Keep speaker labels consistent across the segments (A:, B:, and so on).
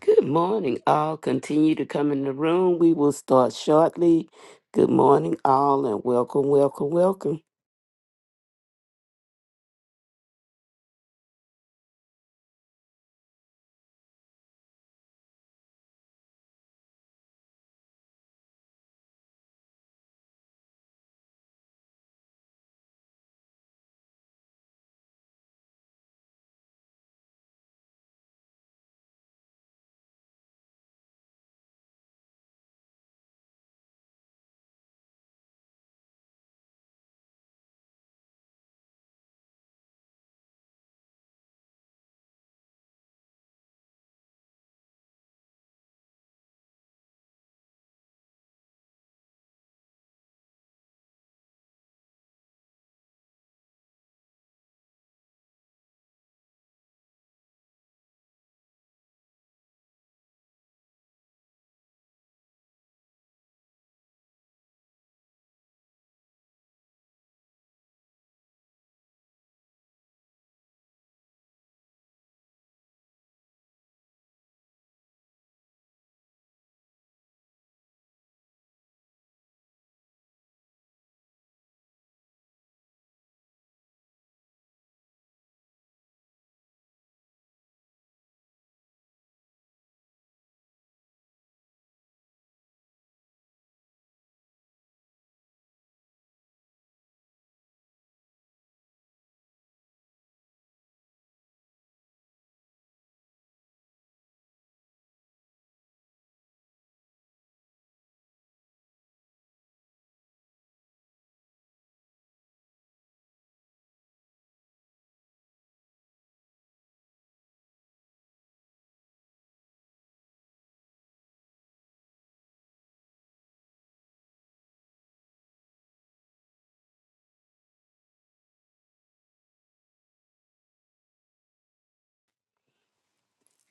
A: Good morning, all. Continue to come in the room. We will start shortly. Good morning, all, and welcome, welcome, welcome.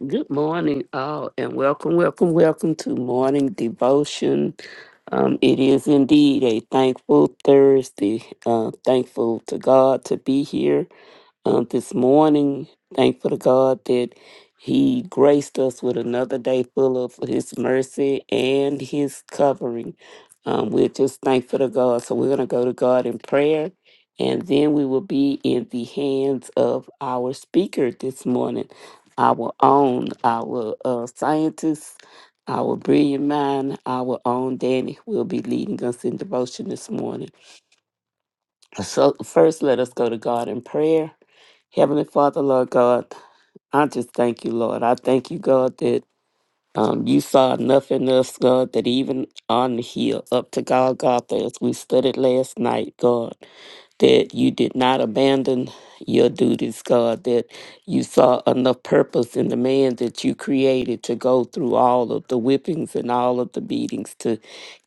A: Good morning, all, and welcome, welcome, welcome to morning devotion. Um, it is indeed a thankful Thursday. Uh, thankful to God to be here. um, this morning. Thankful to God that He graced us with another day full of His mercy and His covering. Um, we're just thankful to God. So we're going to go to God in prayer, and then we will be in the hands of our speaker this morning, our own, our uh, scientist. Our brilliant mind, our own Danny, will be leading us in devotion this morning. So, first, let us go to God in prayer. Heavenly Father, Lord God, I just thank you, Lord. I thank you, God, that um, you saw enough in us, God, that even on the hill up to Golgotha, as we studied last night, God that you did not abandon your duties, God, that you saw enough purpose in the man that you created to go through all of the whippings and all of the beatings, to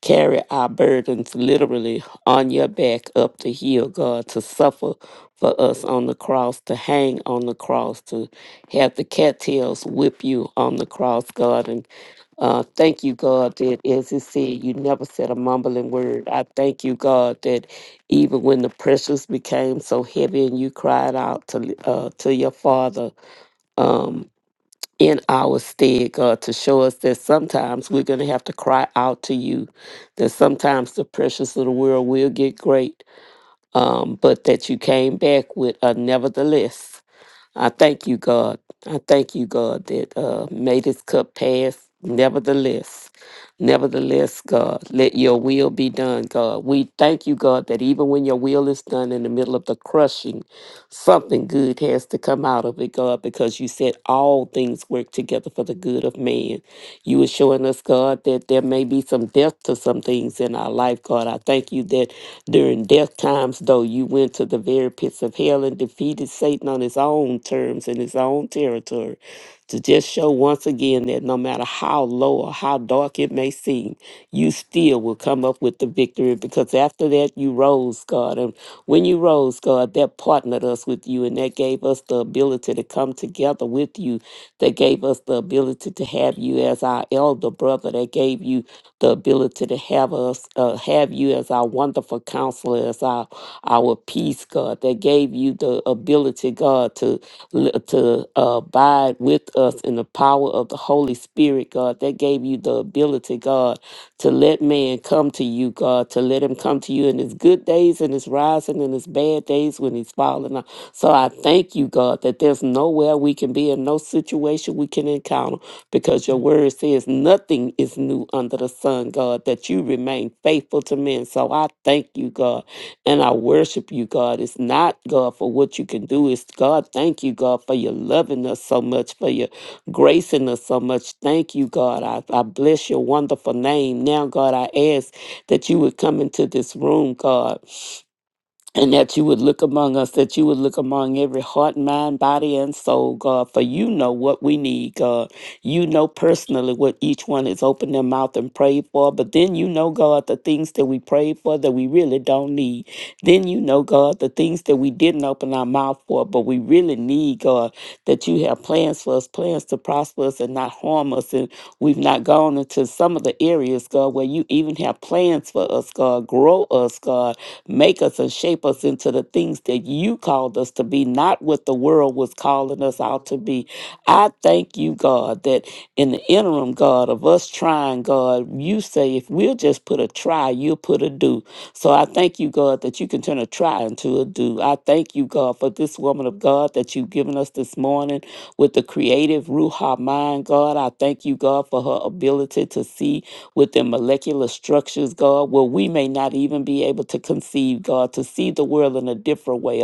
A: carry our burdens literally on your back up the hill, God, to suffer for us on the cross, to hang on the cross, to have the cattails whip you on the cross, God. And uh, thank you, God, that as it said, you never said a mumbling word. I thank you, God, that even when the pressures became so heavy and you cried out to uh, to your Father um, in our stead, God, to show us that sometimes we're going to have to cry out to you, that sometimes the pressures of the world will get great, um, but that you came back with a nevertheless. I thank you, God. I thank you, God, that uh, may this cup pass. Nevertheless, nevertheless, God, let your will be done, God. We thank you, God, that even when your will is done in the middle of the crushing, Something good has to come out of it, God, because you said all things work together for the good of man. You were showing us, God, that there may be some death to some things in our life, God. I thank you that during death times, though, you went to the very pits of hell and defeated Satan on his own terms and his own territory to just show once again that no matter how low or how dark it may seem, you still will come up with the victory because after that you rose, God. And when you rose, God, that partnered us with you and that gave us the ability to come together with you, that gave us the ability to have you as our elder brother, that gave you the ability to have us uh, have you as our wonderful counselor, as our our peace, God, that gave you the ability, God, to li- to uh, abide with us in the power of the Holy Spirit, God. That gave you the ability, God, to let man come to you, God, to let him come to you in his good days and his rising and his bad days when he's falling. out. So I thank you, God, that there's nowhere we can be in no situation we can encounter because your word says nothing is new under the sun, God, that you remain faithful to men. So I thank you, God. And I worship you, God. It's not, God, for what you can do. It's, God, thank you, God, for your loving us so much, for your gracing us so much. Thank you, God. I, I bless your wonderful name. Now, God, I ask that you would come into this room, God and that you would look among us, that you would look among every heart, mind, body, and soul, God, for you know what we need, God. You know personally what each one has opened their mouth and prayed for, but then you know, God, the things that we prayed for that we really don't need. Then you know, God, the things that we didn't open our mouth for, but we really need, God, that you have plans for us, plans to prosper us and not harm us. And we've not gone into some of the areas, God, where you even have plans for us, God. Grow us, God Make us and shape us into the things that you called us to be, not what the world was calling us out to be. I thank you, God, that in the interim, God, of us trying, God, you say if we'll just put a try, you'll put a do. So I thank you, God, that you can turn a try into a do. I thank you, God, for this woman of God that you've given us this morning with the creative Ruha mind, God. I thank you, God, for her ability to see within molecular structures, God, where we may not even be able to conceive, God, to see the world in a different way,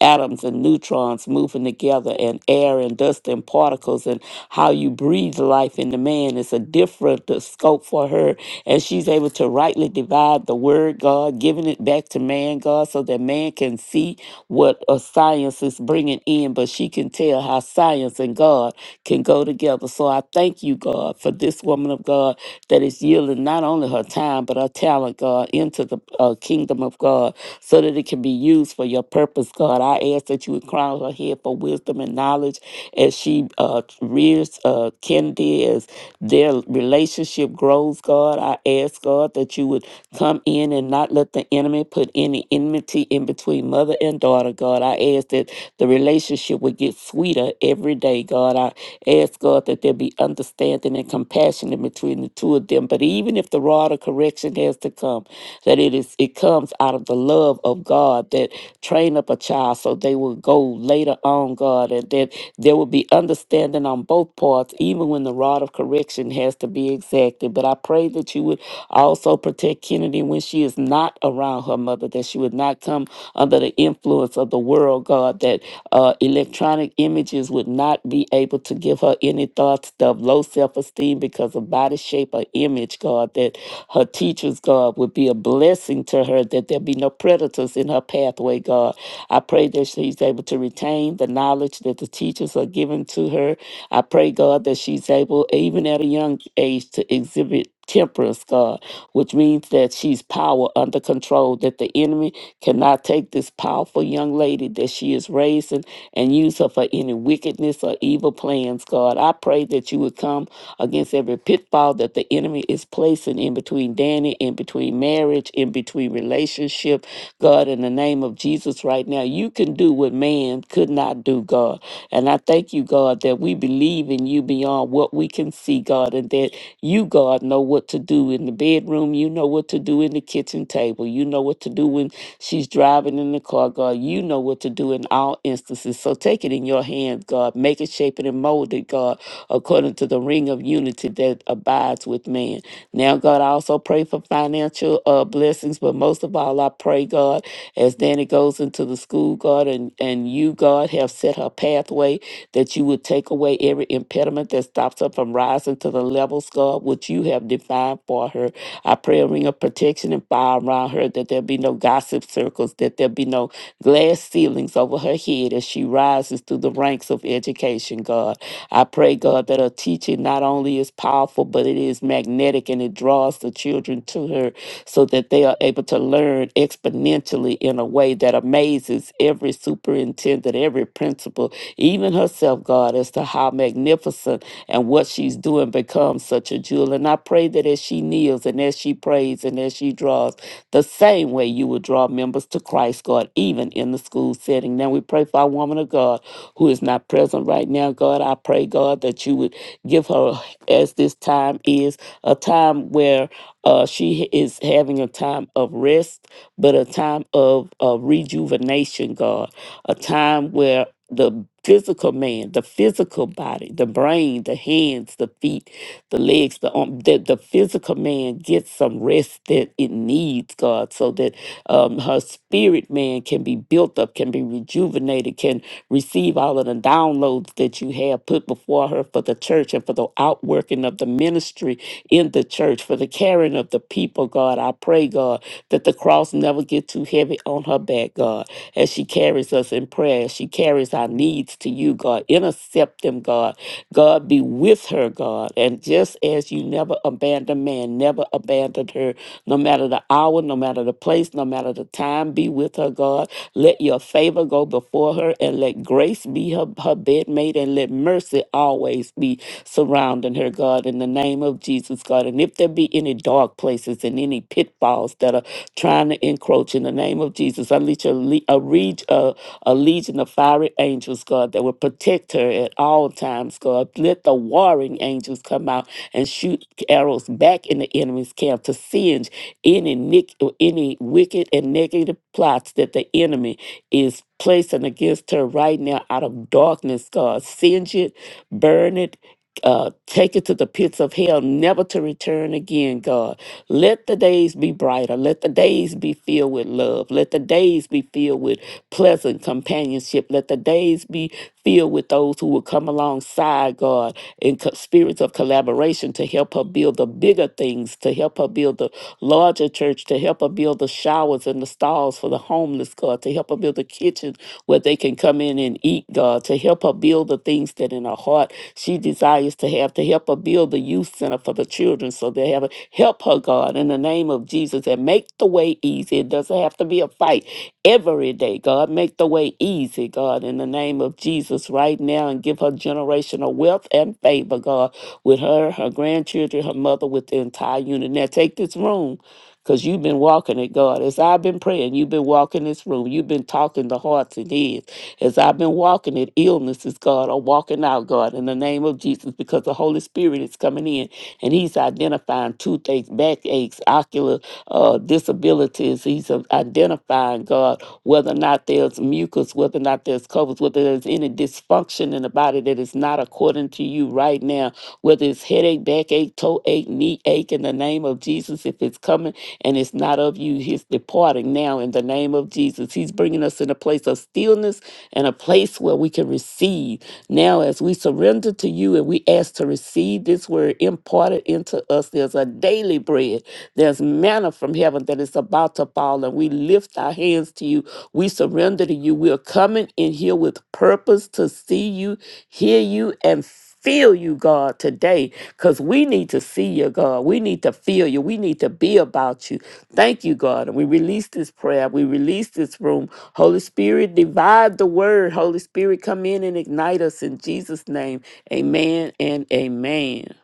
A: atoms and neutrons moving together, and air and dust and particles, and how you breathe life into man. It's a different uh, scope for her, and she's able to rightly divide the word God, giving it back to man, God, so that man can see what uh, science is bringing in, but she can tell how science and God can go together. So I thank you, God, for this woman of God that is yielding not only her time, but her talent, God, into the uh, kingdom of God so that it can be used for your purpose, God. I ask that you would crown her head for wisdom and knowledge as she uh, rears uh, Kennedy, as their relationship grows, God. I ask, God, that you would come in and not let the enemy put any enmity in between mother and daughter, God. I ask that the relationship would get get sweeter every day, God. I ask, God, that there be understanding and compassion in between the two of them. But even if the rod of correction has to come, that it is it comes out of the love of God that train up a child so they will go later on, God, and that there will be understanding on both parts, even when the rod of correction has to be exacted. But I pray that you would also protect Kennedy when she is not around her mother, that she would not come under the influence of the world world, God, that uh, electronic images would not be able to give her any thoughts of low self esteem because of body shape or image, God, that her teachers, God, would be a blessing to her, that there be no predators in her pathway, God. I pray that she's able to retain the knowledge that the teachers are giving to her. I pray, God, that she's able, even at a young age, to exhibit temperance, God, which means that she's power under control, that the enemy cannot take this powerful young lady that she is raising and use her for any wickedness or evil plans, God. I pray that you would come against every pitfall that the enemy is placing in between Danny, in between marriage, in between relationship, God, in the name name of Jesus right now. You can do what man could not do, God. And I thank you, God, that we believe in you beyond what we can see, God, and that you, God, know what to do in the bedroom. You know what to do in the kitchen table. You know what to do when she's driving in the car, God. You know what to do in all instances. So take it in your hands, God. Make it, shape it, crafted and molded, God, according to the ring of unity that abides with man. Now, God, I also pray for financial uh, blessings, but most of all, I pray, God, as Danny goes into the school, God, and, and you, God, have set her pathway that you would take away every impediment that stops her from rising to the levels, God, which you have defined for her. I pray a ring of protection and fire around her, that there be no gossip circles, that there be no glass ceilings over her head as she rises through the ranks of education, God. I pray, God, that her teaching not only is powerful, but it is magnetic and it draws the children to her so that they are able to learn exponentially in a way that amazes every superintendent, every principal, even herself, God, as to how magnificent and what she's doing becomes such a jewel. And I pray that as she kneels and as she prays and as she draws, the same way you will draw members to Christ, God, even in the school setting. Now we pray for our woman of God who is not present right now, God. I pray, God, that you would give her, as this time is, a time where uh, she is having a time of rest, but a time of uh, rejuvenation, God, a time where the physical man, the physical body, the brain, the hands, the feet, the legs, the arm, that the physical man gets some rest that it needs, God, so that um, her spirit man can be built up, can be rejuvenated, can receive all of the downloads that you have put before her for the church and for the outworking of the ministry in the church, for the caring of the people, God. I pray, God, that the cross never get too heavy on her back, God as she carries us in prayer, as she carries our needs to you, God. Intercept them, God. God, be with her, God. And just as you never abandoned man, never abandoned her, no matter the hour, no matter the place, no matter the time, be with her, God. Let your Shall favor go before her, and let grace be her, her bedmate, and let mercy always be surrounding her, God, in the name of Jesus, God. And if there be any dark places and any pitfalls that are trying to encroach in the name of Jesus, unleash a, le- a, reg- a, a legion of fiery angels, God, that will protect her at all times, God. Let the warring angels come out and shoot arrows back in the enemy's camp to singe any nick, any wicked and negative plots that the enemy is placing against her right now out of darkness, God. Singe it, burn it, uh, take it to the pits of hell, never to return again, God. Let the days be brighter. Let the days be filled with love. Let the days be filled with pleasant companionship. Let the days be filled with those who will come alongside God in co- spirits of collaboration to help her build the bigger things, to help her build the larger church, to help her build the showers and the stalls for the homeless, God, to help her build the kitchen where they can come in and eat, God, uh, to help her build the things that in her heart she desires to have, to help her build the youth center for the children so they have a help her, God, in the name of Jesus, and make the way easy. It doesn't have to be a fight every day, God. Make the way easy, God, in the name of Jesus, right now, and give her generational wealth and favor, God, with her, her grandchildren, her mother, with the entire unit. Now, take this room because you've been walking it, God. As I've been praying, you've been walking this room. You've been talking to hearts and heads. As I've been walking it, illnesses, God, are walking out, God, in the name of Jesus, because the Holy Spirit is coming in and He's identifying toothaches, backaches, ocular uh, disabilities. He's uh, identifying, God, whether or not there's mucus, whether or not there's covers, whether there's any dysfunction in the body that is not according to you right now, whether it's headache, backache, toe ache, knee ache, in the name of Jesus, if it's coming and it's not of you. He's departing now in the name of Jesus. He's bringing us in a place of stillness and a place where we can receive. Now, as we surrender to you and we ask to receive this word imparted into us, there's a daily bread there's manna from heaven that is about to fall, and we lift our hands to you. We surrender to you. We are coming in here with purpose to see you, hear you, and feel you, God, today, because we need to see you, God. We need to feel you. We need to be about you. Thank you, God. And we release this prayer. We release this room. Holy Spirit, divide the word. Holy Spirit, come in and ignite us in Jesus' name. Amen and amen.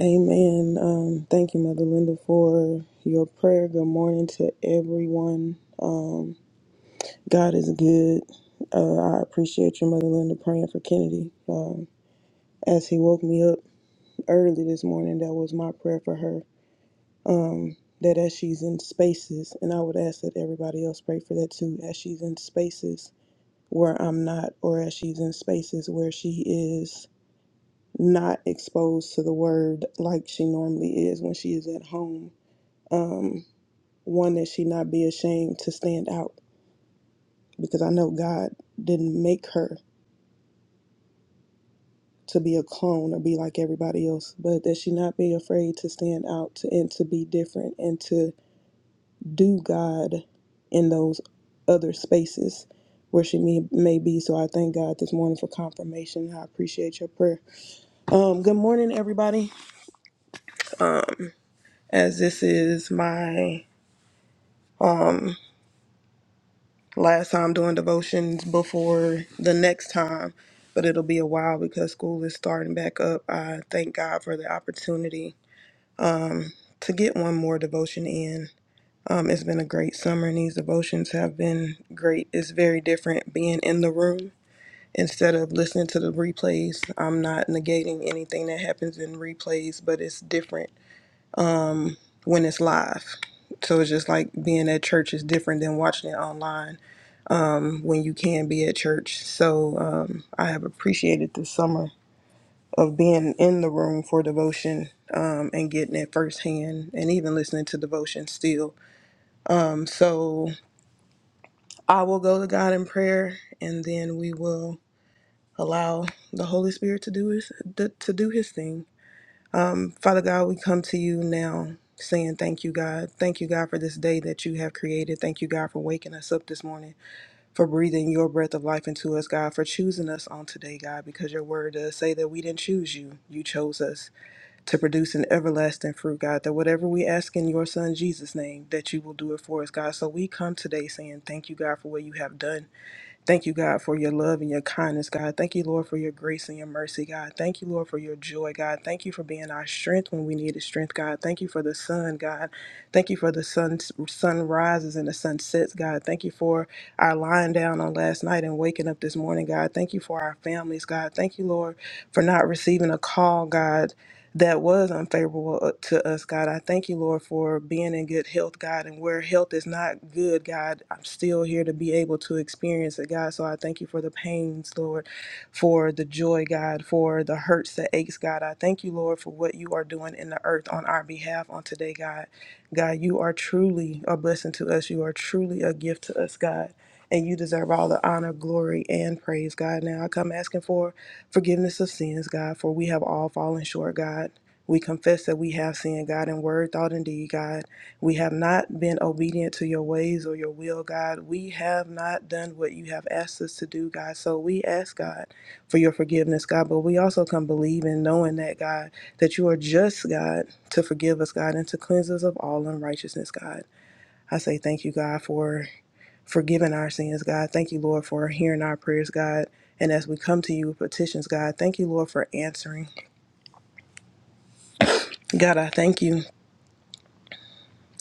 B: Amen. Um, thank you, Mother Linda, for your prayer. Good morning to everyone. Um, God is good. Uh, I appreciate you, Mother Linda, praying for Kennedy. Um, as he woke me up early this morning, that was my prayer for her. Um, that as she's in spaces, and I would ask that everybody else pray for that too, as she's in spaces where I'm not, or as she's in spaces where she is not exposed to the word like she normally is when she is at home um, one that she not be ashamed to stand out because I know God didn't make her to be a clone or be like everybody else, but that she not be afraid to stand out to, and to be different and to do God in those other spaces where she may, may be. So I thank God this morning for confirmation. I appreciate your prayer. Um, good morning, everybody. As this is my um, last time doing devotions before the next time, but it'll be a while because school is starting back up. I thank God for the opportunity to get one more devotion in. Um, it's been a great summer, and these devotions have been great. It's very different being in the room instead of listening to the replays. I'm not negating anything that happens in replays, but it's different um, when it's live. So it's just like being at church is different than watching it online when you can be at church. So um, I have appreciated the summer of being in the room for devotion um, and getting it firsthand and even listening to devotion still. Um, so I will go to God in prayer and then we will allow the Holy Spirit to do his to do his thing. Father God, we come to you now saying thank you God. Thank you God for this day that you have created. Thank you God for waking us up this morning. for breathing your breath of life into us, God, for choosing us on today, God, because your word does say that we didn't choose you. You chose us to produce an everlasting fruit, God, that whatever we ask in your son Jesus' name, that you will do it for us, God. So we come today saying thank you, God, for what you have done. Thank you, God, for your love and your kindness, God. Thank you, Lord, for your grace and your mercy, God. Thank you, Lord, for your joy, God. Thank you for being our strength when we needed strength, God. Thank you for the sun, God. Thank you for the sun, sun rises and the sun sets, God. Thank you for our lying down on last night and waking up this morning, God. Thank you for our families, God. Thank you, Lord, for not receiving a call, God that was unfavorable uh, to us, God. I thank you, Lord, for being in good health, God. And where health is not good, God, I'm still here to be able to experience it, God. So I thank you for the pains, Lord, for the joy, God, for the hurts, the aches, God. I thank you, Lord, for what you are doing in the earth on our behalf on today, God. God, you are truly a blessing to us. You are truly a gift to us, God. And you deserve all the honor, glory, and praise, God. Now I come asking for Forgiveness of sins, God, for we have all fallen short, God. We confess that we have sinned, God, in word, thought, and deed, God. We have not been obedient to your ways or your will, God. We have not done what you have asked us to do, God. So we ask, God, for your forgiveness, God. But we also come believing, knowing that, God, that you are just, God, to forgive us, God, and to cleanse us of all unrighteousness, God. I say thank you, God, for forgiving our sins, God. Thank you, Lord, for hearing our prayers, God. And as we come to you with petitions, God, thank you, Lord, for answering. God, I thank you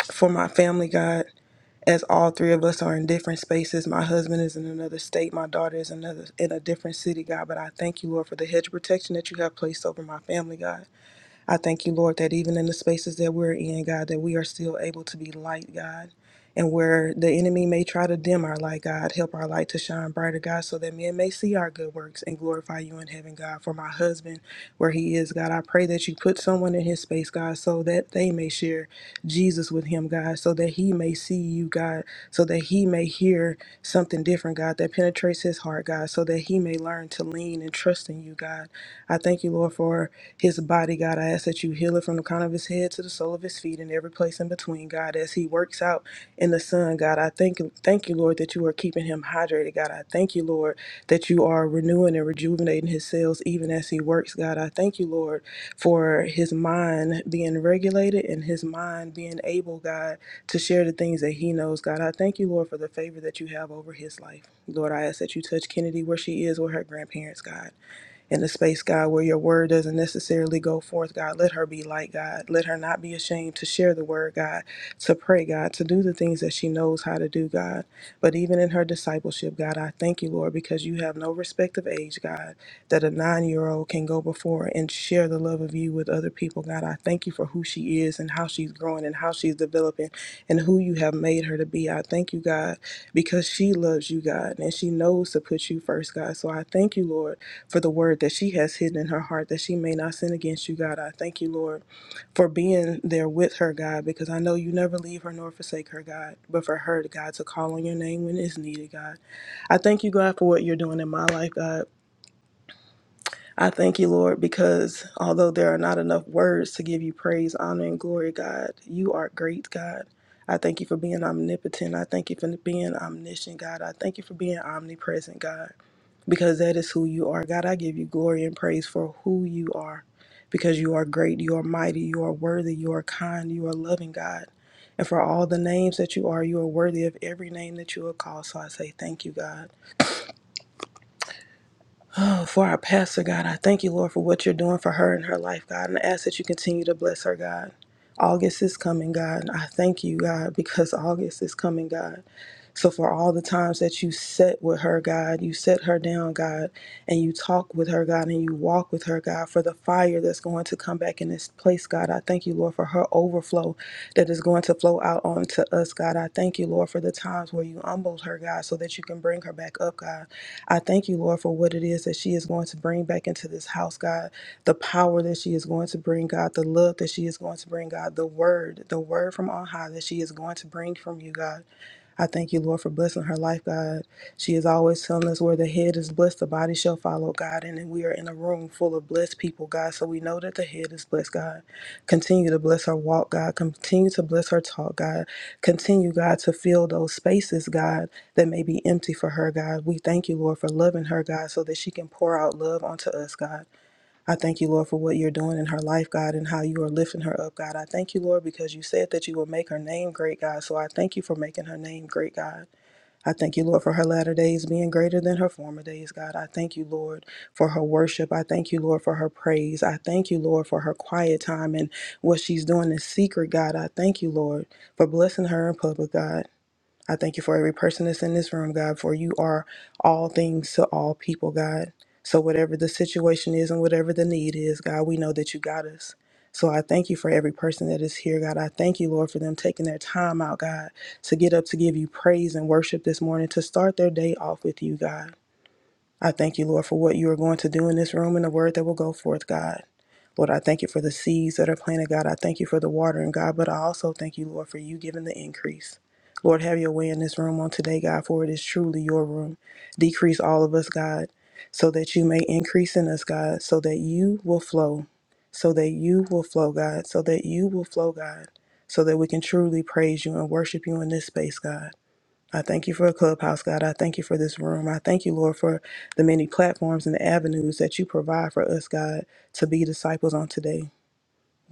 B: for my family, God. As all three of us are in different spaces, my husband is in another state, my daughter is another in a different city, God. But I thank you, Lord, for the hedge of protection that you have placed over my family, God. I thank you, Lord, that even in the spaces that we're in, God, that we are still able to be light, God. And where the enemy may try to dim our light, God, help our light to shine brighter, God, so that men may see our good works and glorify you in heaven, God. For my husband, where he is, God, I pray that you put someone in his space, God, so that they may share Jesus with him, God, so that he may see you, God, so that he may hear something different, God, that penetrates his heart, God, so that he may learn to lean and trust in you, God. I thank you, Lord, for his body, God. I ask that you heal it from the crown of his head to the sole of his feet and every place in between, God, as he works out in the sun, God. I thank thank you, Lord, that you are keeping him hydrated, God. I thank you, Lord, that you are renewing and rejuvenating his cells even as he works, God. I thank you, Lord, for his mind being regulated and his mind being able, God, to share the things that he knows, God. I thank you, Lord, for the favor that you have over his life. Lord, I ask that you touch Kennedy where she is with her grandparents, God in the space, God, where your word doesn't necessarily go forth, God. Let her be light, God. Let her not be ashamed to share the word, God, to pray, God, to do the things that she knows how to do, God. But even in her discipleship, God, I thank you, Lord, because you have no respect of age, God, that a nine year old can go before and share the love of you with other people, God. I thank you for who she is and how she's growing and how she's developing and who you have made her to be. I thank you, God, because she loves you, God, and she knows to put you first, God. So I thank you, Lord for the word that she has hidden in her heart that she may not sin against you, God. I thank you, Lord, for being there with her, God, because I know you never leave her nor forsake her, God, but for her, God, to call on your name when it's needed, God. I thank you, God, for what you're doing in my life, God. I thank you, Lord, because although there are not enough words to give you praise, honor, and glory, God, you are great, God. I thank you for being omnipotent. I thank you for being omniscient, God. I thank you for being omnipresent, God because that is who you are. God, I give you glory and praise for who you are because you are great, you are mighty, you are worthy, you are kind, you are loving, God. And for all the names that you are, you are worthy of every name that you will call. So I say thank you, God. Oh, for our pastor, God, I thank you, Lord, for what you're doing for her and her life, God. And I ask that you continue to bless her, God. August is coming, God. I thank you, God, because August is coming, God. So for all the times that you sit with her, God, you sit her down, God, and you talk with her, God, and you walk with her, God, for the fire that's going to come back in this place, God. I thank you, Lord, for her overflow that is going to flow out onto us, God. I thank you, Lord, for the times where you humbled her, God, so that you can bring her back up, God. I thank you, Lord, for what it is that she is going to bring back into this house, God. The power that she is going to bring, God, the love that she is going to bring, God, the word, the word from on high that she is going to bring from you, God. I thank you, Lord, for blessing her life, God. She is always telling us where the head is blessed, the body shall follow, God. And then we are in a room full of blessed people, God. So we know that the head is blessed, God. Continue to bless her walk, God. Continue to bless her talk, God. Continue, God, to fill those spaces, God, that may be empty for her, God. We thank you, Lord, for loving her, God, so that she can pour out love onto us, God. I thank you, Lord, for what you're doing in her life, God, and how you are lifting her up, God. I thank you, Lord, because you said that you will make her name great, God. So I thank you for making her name great, God. I thank you, Lord, for her latter days being greater than her former days, God. I thank you, Lord, for her worship. I thank you, Lord, for her praise. I thank you, Lord, for her quiet time and what she's doing in secret, God. I thank you, Lord, for blessing her in public, God. I thank you for every person that's in this room, God, for you are all things to all people, God. So, whatever the situation is and whatever the need is, God, we know that you got us. So, I thank you for every person that is here, God. I thank you, Lord, for them taking their time out, God, to get up to give you praise and worship this morning, to start their day off with you, God. I thank you, Lord, for what you are going to do in this room and the word that will go forth, God. Lord, I thank you for the seeds that are planted, God. I thank you for the watering, God, but I also thank you, Lord, for you giving the increase. Lord, have your way in this room on today, God, for it is truly your room. Decrease all of us, God, so that you may increase in us, God, so that you will flow, so that you will flow, God, so that you will flow, God, so that we can truly praise you and worship you in this space, God. I thank you for a clubhouse, God. I thank you for this room. I thank you, Lord, for the many platforms and the avenues that you provide for us, God, to be disciples on today.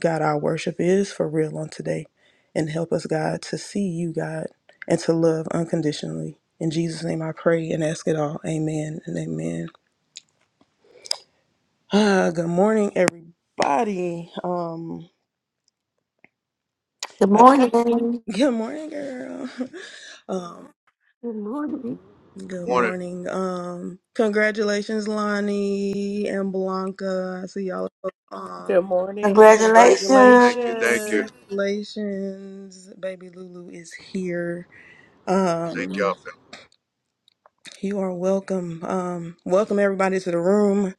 B: God, our worship is for real on today. And help us, God, to see you, God, and to love unconditionally. In Jesus' name I pray and ask it all. Amen and amen. Ah, good morning, everybody. Um,
C: Good
B: I-
C: morning.
B: good morning, girl. Um,
A: Good morning.
B: Good
D: Morning.
B: morning. Um, congratulations, Lonnie and Blanca. I see y'all.
E: Good
B: Um,
E: morning.
D: Thank you. Thank
C: Congratulations.
D: you.
E: Congratulations.
B: congratulations, baby Lulu is here.
D: Thank
B: Um,
D: y'all for
B: you are welcome. Um, welcome everybody to the room.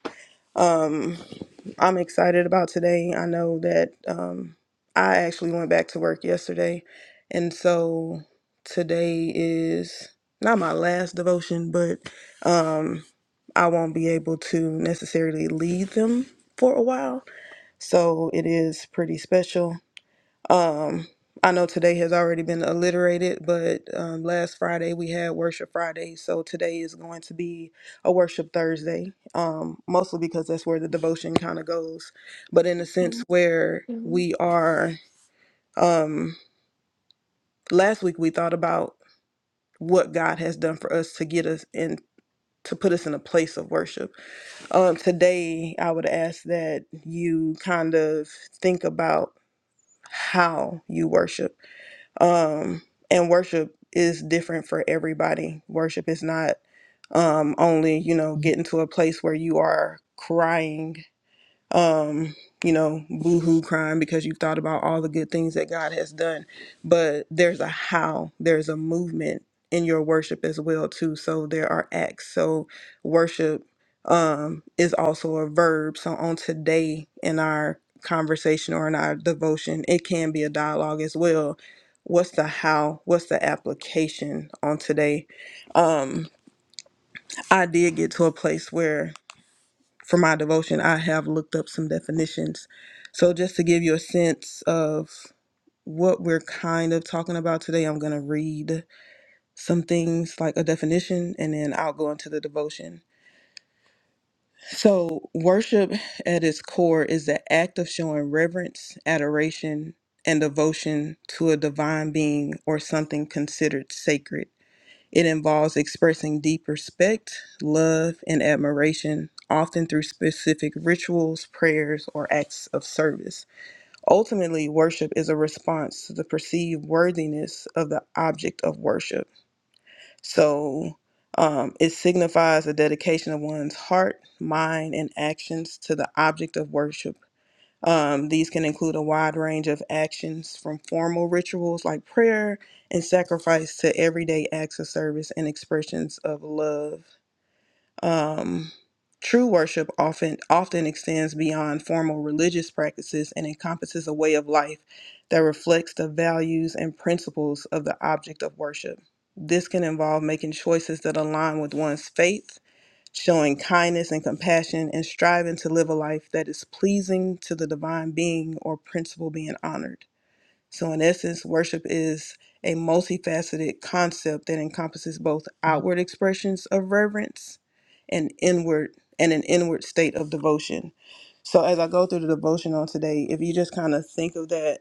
B: Um, I'm excited about today. I know that um, I actually went back to work yesterday, and so today is not my last devotion, but um, I won't be able to necessarily lead them for a while. So it is pretty special. Um, I know today has already been alliterated, but um, last Friday we had Worship Friday, so today is going to be a Worship Thursday, um, mostly because that's where the devotion kind of goes. But in a sense, Mhm. where
C: Good
B: we are, um, last week we thought about what God has done for us to get us in. To put us in a place of worship. Um, today, I would ask that you kind of think about how you worship um and worship is different for everybody worship is not um only you know getting to a place where you are crying um, you know, boohoo crying because you've thought about all the good things that God has done. But there's a how, there's a movement in your worship as well too. So there are acts. So worship um is also a verb. So on today in our conversation or in our devotion, it can be a dialogue as well. What's the how? What's the application on today? Um, I did get to a place where for my devotion, I have looked up some definitions. So, just to give you a sense of what we're kind of talking about today, I'm going to read some things like a definition and then I'll go into the devotion. So, worship at its core is the act of showing reverence, adoration, and devotion to a divine being or something considered sacred. It involves expressing deep respect, love, and admiration, often through specific rituals, prayers, or acts of service. Ultimately, worship is a response to the perceived worthiness of the object of worship. So um, it signifies a dedication of one's heart, mind, and actions to the object of worship um, these can include a wide range of actions from formal rituals like prayer and sacrifice to everyday acts of service and expressions of love. Um, true worship often often extends beyond formal religious practices and encompasses a way of life that reflects the values and principles of the object of worship. This can involve making choices that align with one's faith showing kindness and compassion, and striving to live a life that is pleasing to the divine being or principle being honored. So, in essence, worship is a multifaceted concept that encompasses both outward expressions of reverence and inward and an inward state of devotion. So, as I go through the devotion on today, if you just kind of think of that,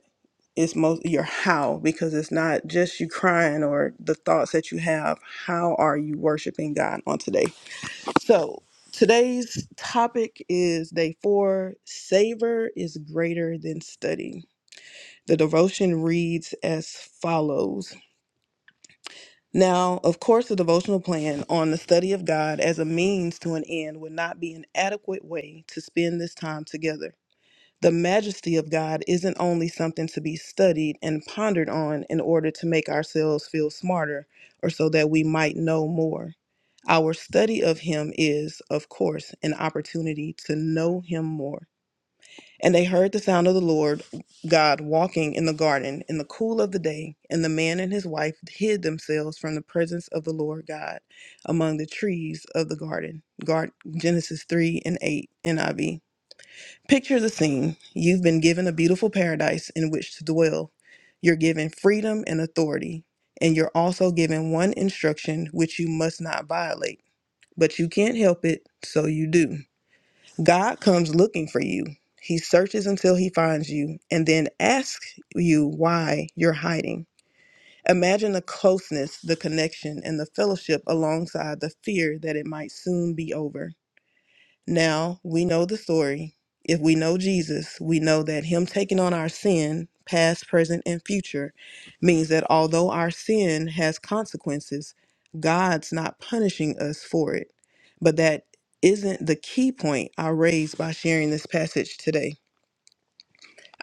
B: it's most your how because it's not just you crying or the thoughts that you have. How are you worshiping God on today? So today's topic is day four Savor is greater than study. The devotion reads as follows. Now, of course, the devotional plan on the study of God as a means to an end would not be an adequate way to spend this time together. The majesty of God isn't only something to be studied and pondered on in order to make ourselves feel smarter or so that we might know more. Our study of him is, of course, an opportunity to know him more. And they heard the sound of the Lord God walking in the garden in the cool of the day, and the man and his wife hid themselves from the presence of the Lord God among the trees of the garden. Gar- Genesis 3 and 8, NIV. Picture the scene. You've been given a beautiful paradise in which to dwell. You're given freedom and authority, and you're also given one instruction which you must not violate but you can't help it, so you do. God comes looking for you. He searches until he finds you and then asks you why you're hiding. Imagine the closeness, the connection, and the fellowship alongside the fear that it might soon be over. Now we know the story. If we know Jesus, we know that Him taking on our sin, past, present, and future, means that although our sin has consequences, God's not punishing us for it. But that isn't the key point I raised by sharing this passage today.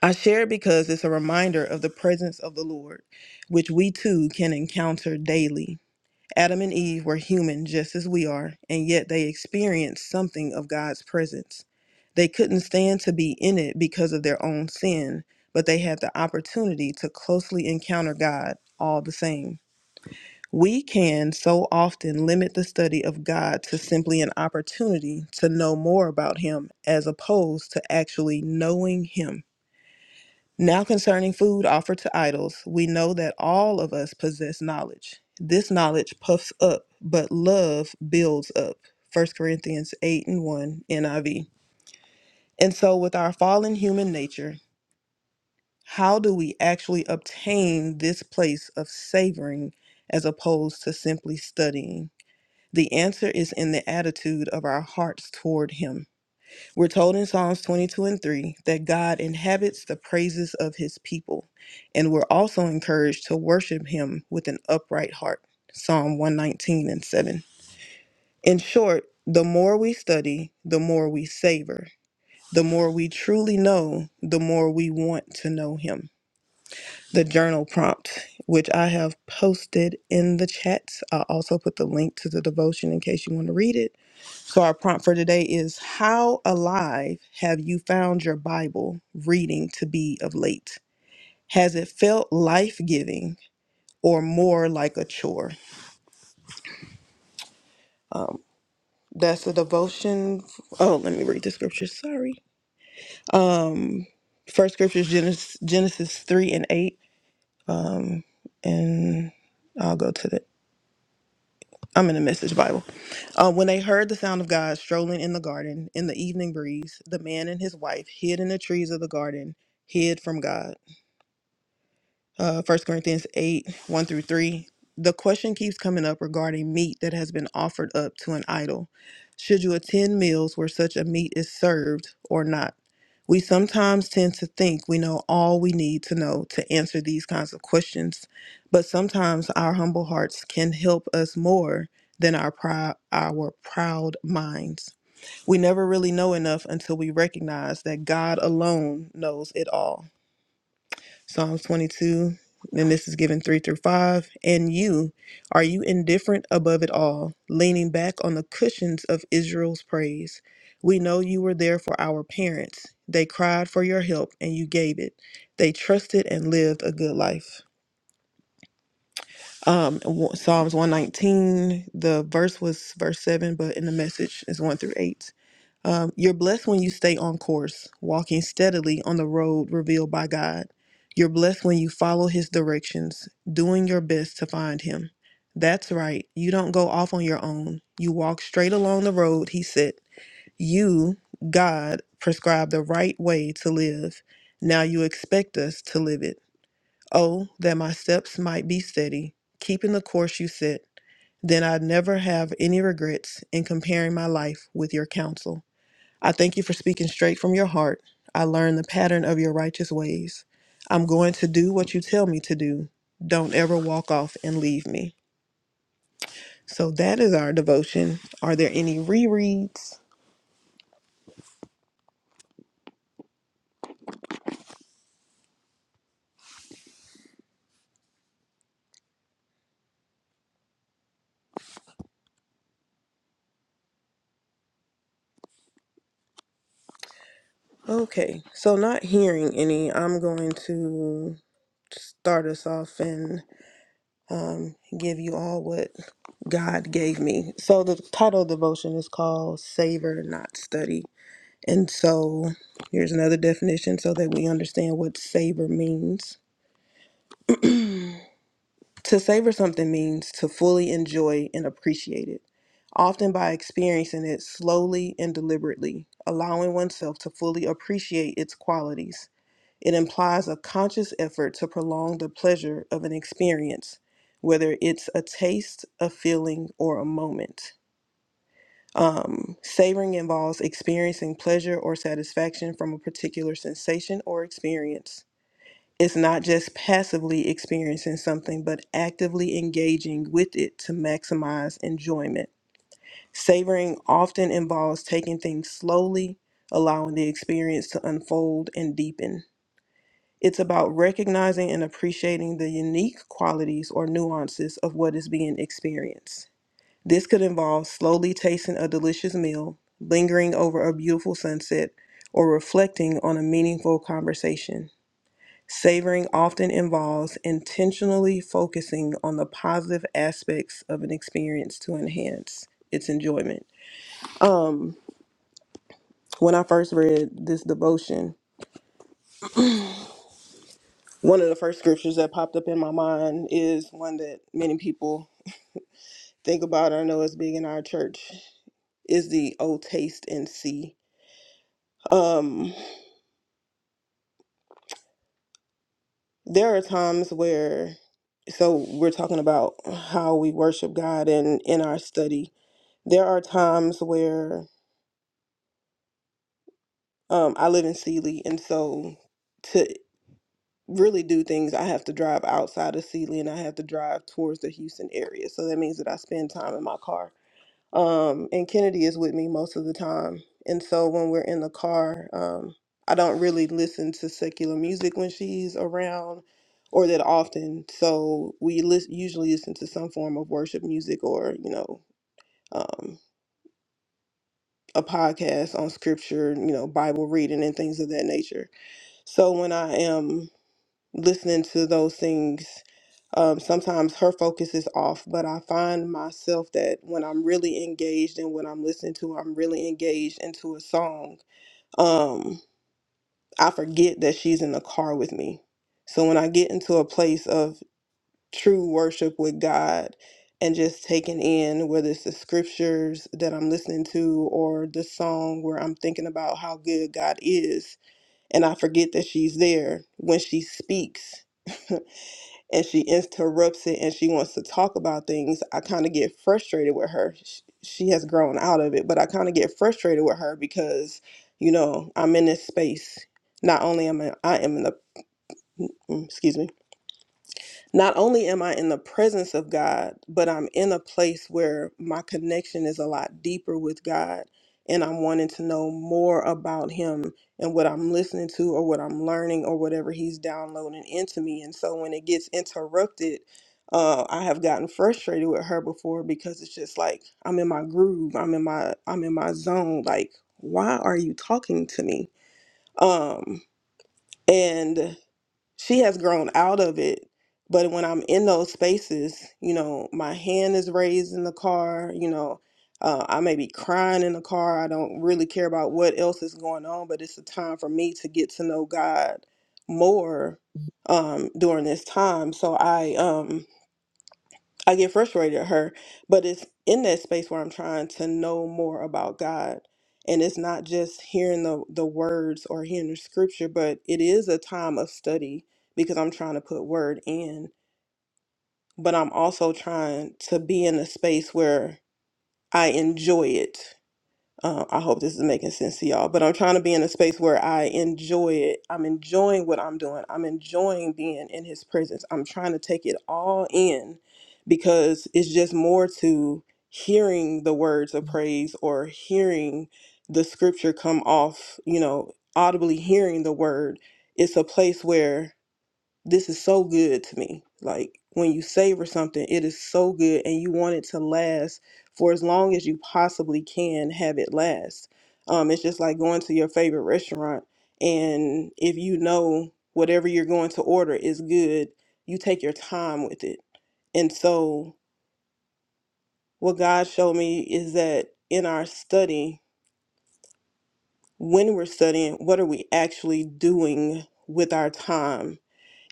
B: I share it because it's a reminder of the presence of the Lord, which we too can encounter daily. Adam and Eve were human just as we are, and yet they experienced something of God's presence. They couldn't stand to be in it because of their own sin, but they had the opportunity to closely encounter God all the same. We can so often limit the study of God to simply an opportunity to know more about Him as opposed to actually knowing Him. Now, concerning food offered to idols, we know that all of us possess knowledge. This knowledge puffs up, but love builds up. First Corinthians 8 and 1 NIV. And so, with our fallen human nature, how do we actually obtain this place of savoring as opposed to simply studying? The answer is in the attitude of our hearts toward Him. We're told in Psalms 22 and 3 that God inhabits the praises of his people, and we're also encouraged to worship him with an upright heart. Psalm 119 and 7. In short, the more we study, the more we savor. The more we truly know, the more we want to know him. The journal prompt, which I have posted in the chats, I also put the link to the devotion in case you want to read it so, our prompt for today is How alive have you found your Bible reading to be of late? Has it felt life giving or more like a chore? Um, that's a devotion. Oh, let me read the scripture. Sorry. Um, first scripture is Genesis, Genesis 3 and 8. Um, and I'll go to the I'm in the message Bible. Uh, when they heard the sound of God strolling in the garden in the evening breeze, the man and his wife hid in the trees of the garden, hid from God uh, 1 Corinthians 8 1 through 3. The question keeps coming up regarding meat that has been offered up to an idol. Should you attend meals where such a meat is served or not? We sometimes tend to think we know all we need to know to answer these kinds of questions, but sometimes our humble hearts can help us more than our, prou- our proud minds. We never really know enough until we recognize that God alone knows it all. Psalms 22, and this is given 3 through 5. And you, are you indifferent above it all, leaning back on the cushions of Israel's praise? We know you were there for our parents. They cried for your help, and you gave it. They trusted and lived a good life. Um, w- Psalms 119, the verse was verse 7, but in the message is 1 through 8. Um, you're blessed when you stay on course, walking steadily on the road revealed by God. You're blessed when you follow His directions, doing your best to find Him. That's right, you don't go off on your own. You walk straight along the road, He said. You, God, prescribed the right way to live. Now you expect us to live it. Oh, that my steps might be steady, keeping the course you set. Then I'd never have any regrets in comparing my life with your counsel. I thank you for speaking straight from your heart. I learn the pattern of your righteous ways. I'm going to do what you tell me to do. Don't ever walk off and leave me. So that is our devotion. Are there any rereads? Okay, so not hearing any, I'm going to start us off and um, give you all what God gave me. So the title of devotion is called Savor, Not Study. And so here's another definition so that we understand what savor means. To savor something means to fully enjoy and appreciate it, often by experiencing it slowly and deliberately, allowing oneself to fully appreciate its qualities. It implies a conscious effort to prolong the pleasure of an experience, whether it's a taste, a feeling, or a moment. Um, savoring involves experiencing pleasure or satisfaction from a particular sensation or experience. It's not just passively experiencing something, but actively engaging with it to maximize enjoyment. Savoring often involves taking things slowly, allowing the experience to unfold and deepen. It's about recognizing and appreciating the unique qualities or nuances of what is being experienced. This could involve slowly tasting a delicious meal, lingering over a beautiful sunset, or reflecting on a meaningful conversation. Savoring often involves intentionally focusing on the positive aspects of an experience to enhance its enjoyment. Um, when I first read this devotion, one of the first scriptures that popped up in my mind is one that many people think about. I know it's big in our church. Is the "Oh taste and see." Um, there are times where so we're talking about how we worship God in in our study. There are times where um I live in Sealy and so to really do things I have to drive outside of Sealy and I have to drive towards the Houston area. So that means that I spend time in my car um, and Kennedy is with me most of the time. And so when we're in the car, um, I don't really listen to secular music when she's around or that often. So we lis- usually listen to some form of worship music or, you know, um, a podcast on scripture, you know, Bible reading and things of that nature. So when I am listening to those things. Um, sometimes her focus is off, but I find myself that when I'm really engaged and when I'm listening to, I'm really engaged into a song. Um, I forget that she's in the car with me. So when I get into a place of true worship with God and just taking in whether it's the scriptures that I'm listening to or the song where I'm thinking about how good God is, and I forget that she's there when she speaks. and she interrupts it and she wants to talk about things, I kind of get frustrated with her. Sh- She has grown out of it, but I kind of get frustrated with her because, you know, I'm in this space. Not only am I, I am in the, mm, mm, excuse me, not only am I in the presence of God, but I'm in a place where my connection is a lot deeper with God and I'm wanting to know more about Him and what I'm listening to or what I'm learning or whatever He's downloading into me. And so when it gets interrupted, uh, I have gotten frustrated with her before because it's just like I'm in my groove, I'm in my I'm in my zone. Like, why are you talking to me? Um, and she has grown out of it. But when I'm in those spaces, you know, my hand is raised in the car, you know, uh, I may be crying in the car. I don't really care about what else is going on, but it's a time for me to get to know God more um, during this time. So I, um, I get frustrated at her, but it's in that space where I'm trying to know more about God. And it's not just hearing the, the words or hearing the scripture, but it is a time of study because I'm trying to put word in. But I'm also trying to be in a space where I enjoy it uh, I hope this is making sense to y'all, but I'm trying to be in a space where I enjoy it. I'm enjoying what I'm doing. I'm enjoying being in his presence. I'm trying to take it all in because it's just more to hearing the words of praise or hearing the scripture come off, you know, audibly hearing the word. It's a place where this is so good to me. Like when you savor something, it is so good and you want it to last for as long as you possibly can have it last. Um, it's just like going to your favorite restaurant and if you know whatever you're going to order is good, you take your time with it. And so what God showed me is that in our study, when we're studying, what are we actually doing with our time?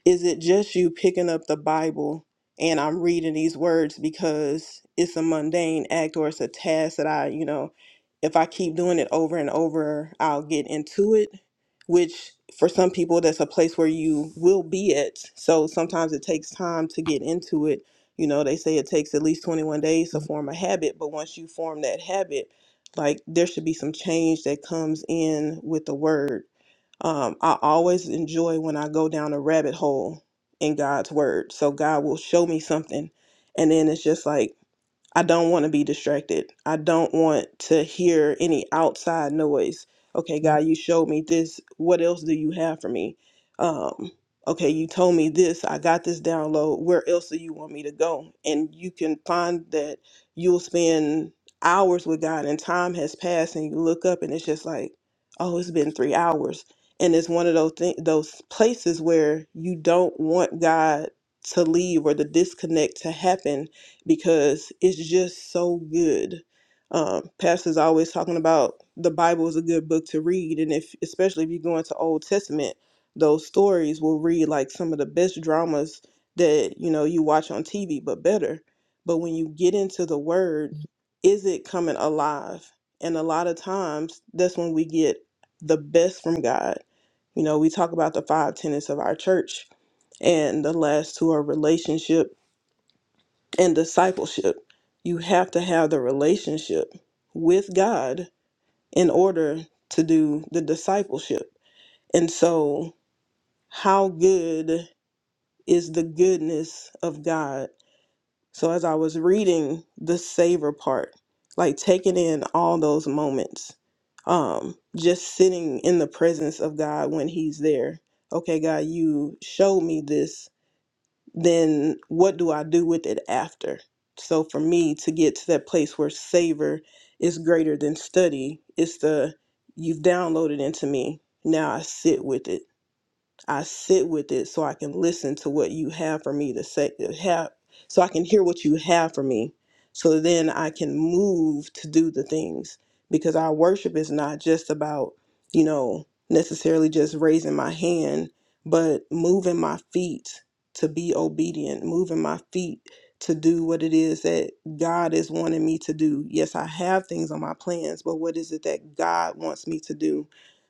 B: Is it just you picking up the Bible and I'm reading these words because it's a mundane act or it's a task that I, you know, if I keep doing it over and over, I'll get into it, which for some people, that's a place where you will be at. So sometimes it takes time to get into it. You know, they say it takes at least 21 days to form a habit, but once you form that habit, like there should be some change that comes in with the word. Um, I always enjoy when I go down a rabbit hole in God's word. So God will show me something, and then it's just like I don't want to be distracted. I don't want to hear any outside noise. Okay, God, you showed me this. What else do you have for me? Um, okay, you told me this. I got this download. Where else do you want me to go? And you can find that you'll spend hours with God and time has passed and you look up and it's just like, oh, it's been three hours. And it's one of those th- those places where you don't want God to leave or the disconnect to happen because it's just so good. Um, Pastor's always talking about the Bible is a good book to read, and if especially if you go into Old Testament, those stories will read like some of the best dramas that you know you watch on TV, but better. But when you get into the Word, is it coming alive? And a lot of times, that's when we get the best from God. You know, we talk about the five tenets of our church, and the last two are relationships and discipleship. You have to have the relationship with God in order to do the discipleship. And so, how good is the goodness of God? So, as I was reading the savor part, like taking in all those moments, um, just sitting in the presence of God when He's there. Okay, God, you showed me this then what do I do with it after? So for me to get to that place where savor is greater than study, it's the you've downloaded into me. Now I sit with it. I sit with it so I can listen to what you have for me to say have so I can hear what you have for me so that then I can move to do the things because our worship is not just about you know necessarily just raising my hand but moving my feet to be obedient moving my feet to do what it is that God is wanting me to do yes I have things on my plans but what is it that God wants me to do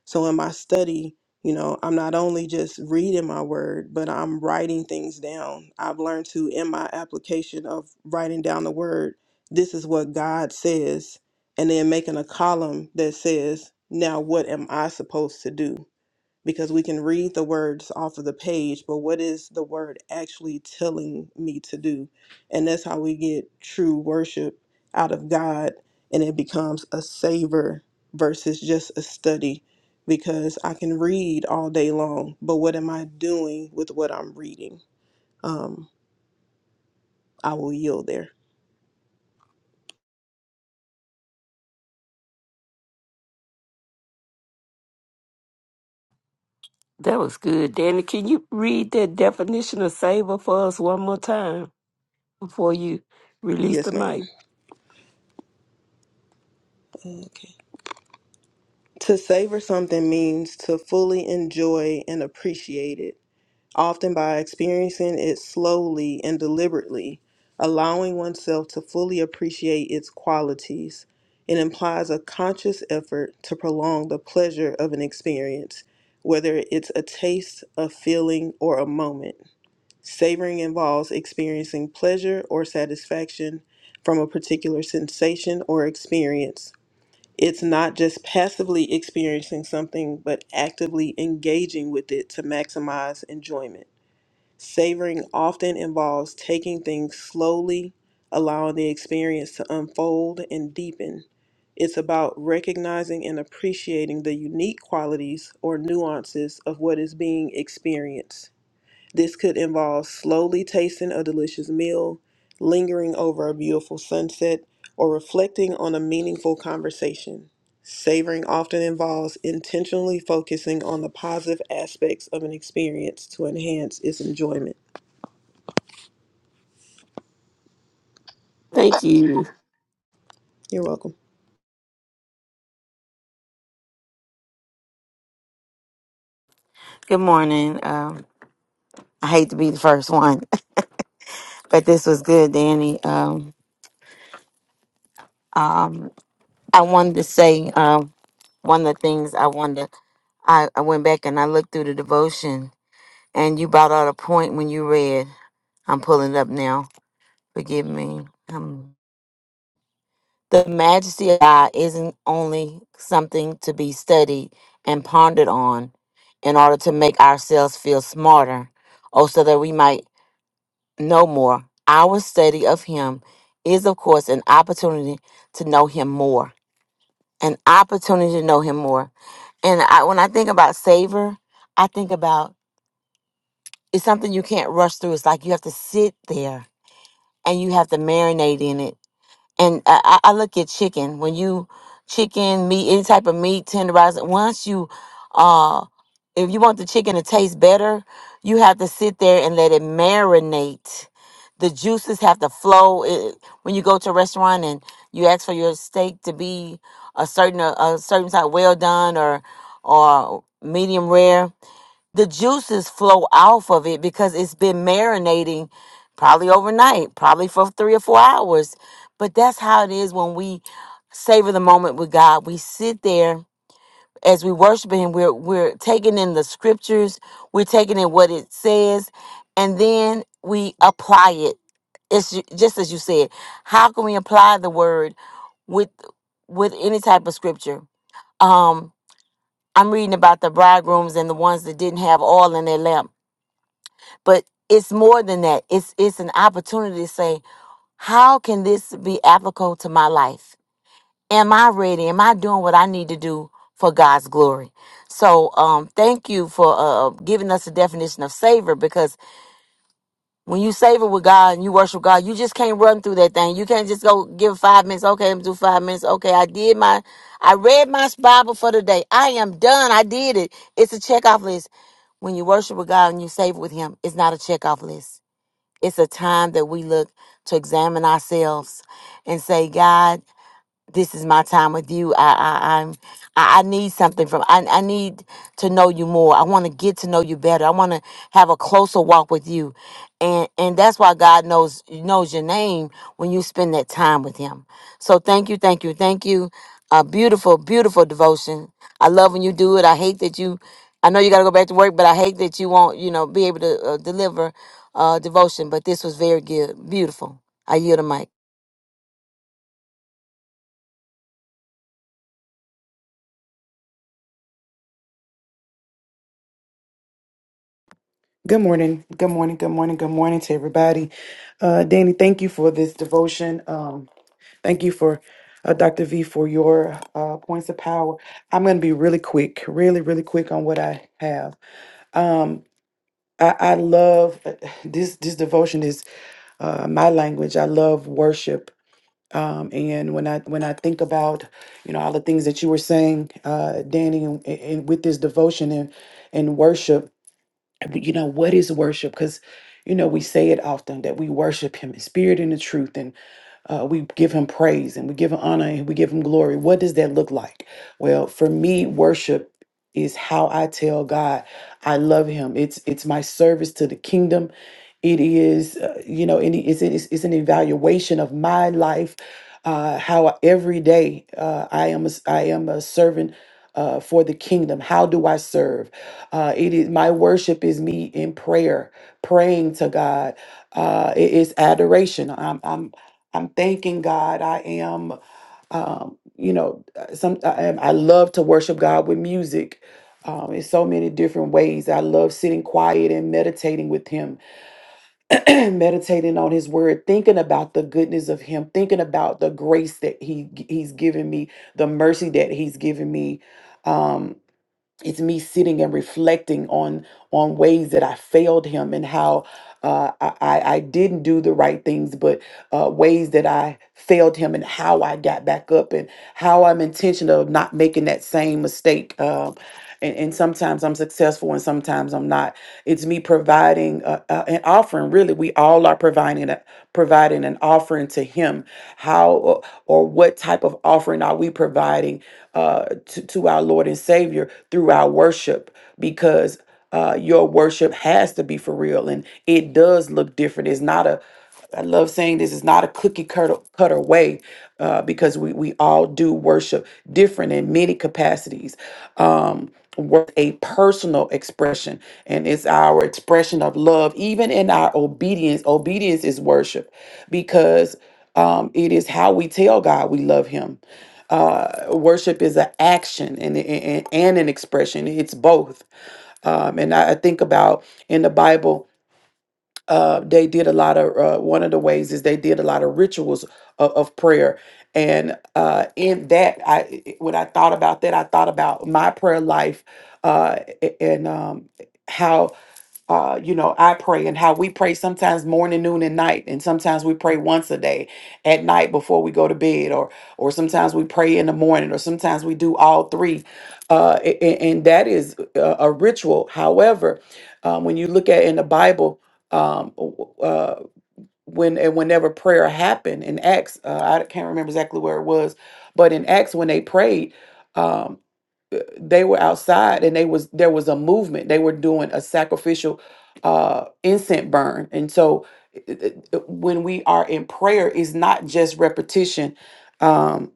B: so in my study you know, I'm not only just reading my word, but I'm writing things down. I've learned to, in my application of writing down the word, this is what God says, and then making a column that says, now what am I supposed to do? because we can read the words off of the page, but what is the word actually telling me to do? And that's how we get true worship out of God and it becomes a savor versus just a study because I can read all day long, but what am I doing with what I'm reading? Um, I will yield there.
A: That was good, Danny. Can you read that definition of savor for us one more time before you release the
B: Yes,
A: mic?
B: ma'am. Okay. To savor something means to fully enjoy and appreciate it often by experiencing it slowly and deliberately, allowing oneself to fully appreciate its qualities. It implies a conscious effort to prolong the pleasure of an experience, whether it's a taste, a feeling, or a moment. Savoring involves experiencing pleasure or satisfaction from a particular sensation or experience. It's not just passively experiencing something, but actively engaging with it to maximize enjoyment. Savoring often involves taking things slowly, allowing the experience to unfold and deepen. It's about recognizing and appreciating the unique qualities or nuances of what is being experienced. This could involve slowly tasting a delicious meal, lingering over a beautiful sunset, or reflecting on a meaningful conversation. Savoring often involves intentionally focusing on the positive aspects of an experience to enhance its enjoyment.
A: Thank you.
B: You're welcome.
C: morning. Um, I hate to be the first one, but this was good, Danny. Um, um, I wanted to say um, one of the things I wanted to, I, I went back and I looked through the devotion, and you brought out a point when you read. I'm pulling it up now. Forgive me. The majesty of God isn't only something to be studied and pondered on in order to make ourselves feel smarter or so that we might know more. Our study of Him is, of course, an opportunity to know Him more, an opportunity to know Him more. And I, when I think about savor, I think about it's something you can't rush through. It's like you have to sit there and you have to marinate in it and I, I I look at chicken when you chicken meat any type of meat tenderizer once you uh if you want the chicken to taste better you have to sit there and let it marinate the juices have to flow it, when you go to a restaurant and you ask for your steak to be a certain a, a certain type well done or or medium rare the juices flow off of it because it's been marinating probably overnight, probably for three or four hours. But that's how it is when we savor the moment with God. We sit there as we worship Him, we're, we're taking in the scriptures, we're taking in what it says, and then we apply it. It's ju- just as you said, how can we apply the word with with any type of scripture? Um, I'm reading about the bridegrooms and the ones that didn't have oil in their lamp but it's more than that it's it's an opportunity to say how can this be applicable to my life am i ready am i doing what i need to do for god's glory so um thank you for uh giving us the definition of savor because when you savor with god and you worship god you just can't run through that thing you can't just go give five minutes okay i'm gonna do five minutes okay i did my i read my bible for the day i am done i did it it's a checkoff list when you worship with god and you savor with him it's not a checkoff list it's a time that we look to examine ourselves and say, God, this is my time with you. I, I I'm I, I need something from I, I need to know you more. I want to get to know you better. I want to have a closer walk with you. And and that's why God knows knows your name when you spend that time with him. So thank you, thank you, thank you. A beautiful, beautiful devotion. I love when you do it. I hate that you I know you got to go back to work, but I hate that you won't, you know, be able to uh, deliver uh devotion, but this was very good. Beautiful. I yield the mic.
F: Good morning. Good morning. Good morning. Good morning to everybody. Uh, Danny, thank you for this devotion. Um, thank you for uh, Dr. V for your uh, points of power. I'm going to be really quick, really, really quick on what I have. Um, I, I love uh, this. This devotion is uh, my language. I love worship. Um, and when I when I think about you know all the things that you were saying, uh, Danny, and, and with this devotion and and worship, and you know what is worship because you know we say it often that we worship him in spirit and in truth and uh, we give him praise and we give him honor and we give him glory what does that look like well for me worship is how i tell god I love him. It's it's my service to the kingdom. It is, uh, you know, any it's, it's it's an evaluation of my life, uh, how I- every day uh, I am a, s- I am a servant. Uh, for the kingdom, how do I serve? Uh, it is my worship is me in prayer, praying to God. Uh, it is adoration. I'm I'm I'm thanking God. I am, um, you know, some I, am- I love to worship God with music um, in so many different ways. I love sitting quiet and meditating with him, meditating on his word, thinking about the goodness of him, thinking about the grace that he he's given me, the mercy that he's given me. Um, it's me sitting and reflecting on on ways that I failed him and how uh, I, I I didn't do the right things, but uh, ways that I failed him and how I got back up how I'm intentional of not making that same mistake. Um, and, and sometimes I'm successful and sometimes I'm not. It's me providing uh, uh, an offering. Really, we all are providing a, providing an offering to Him. How or, or what type of offering are we providing uh, to, to our Lord and Savior through our worship? Because uh, your worship has to be for real and it does look different. It's not a I love saying this is not a cookie cutter, cutter way uh, because we, we all do worship different in many capacities. Um, worth a personal expression, and it's our expression of love, even in our obedience. Obedience is worship because um, it is how we tell God we love Him. Uh, worship is an action and, and, and an expression, it's both. Um, and I I think about in the Bible uh, they did a lot of uh, one of the ways is they did a lot of rituals of, of prayer and uh, in that i i- when i thought about that i thought about my prayer life uh, a- and um, how uh, you know, I pray and how we pray sometimes morning, noon, and night, and sometimes we pray once a day at night before we go to bed, or or sometimes we pray in the morning, or sometimes we do all three, uh, a- a- and, that is a, a ritual. However, um, when you look at in the Bible, um, w- uh, when and whenever prayer happened in Acts, uh, I can't remember exactly where it was, but in Acts when they prayed. um, they were outside and they was there was a movement they were doing a sacrificial uh incense burn and so i- i- i- when we are in prayer is not just repetition um,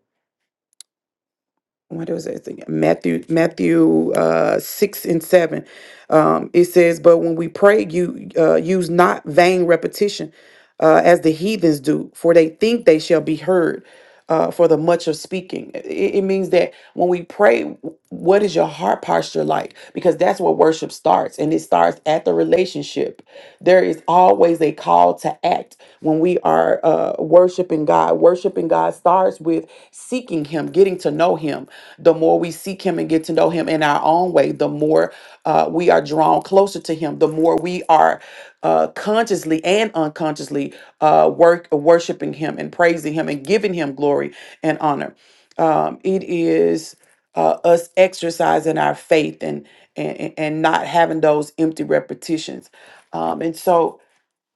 F: what was that thing? Matthew, Matthew uh, six and seven. Um, it says, "But when we pray, you uh, use not vain repetition, uh, as the heathens do, for they think they shall be heard uh, for the much of speaking." I- i- It, means that when we pray, w- what is your heart posture like? Because that's where worship starts, and it starts at the relationship. There is always a call to act when we are uh, worshiping God. God, worshiping God starts with seeking Him, getting to know Him. The more we seek Him and get to know Him in our own way, the more uh, we are drawn closer to Him, the more we are uh, consciously and unconsciously uh, work, worshiping Him and praising Him and giving Him glory and honor. Um, it is uh, us exercising our faith and, and and and not having those empty repetitions. Um, and so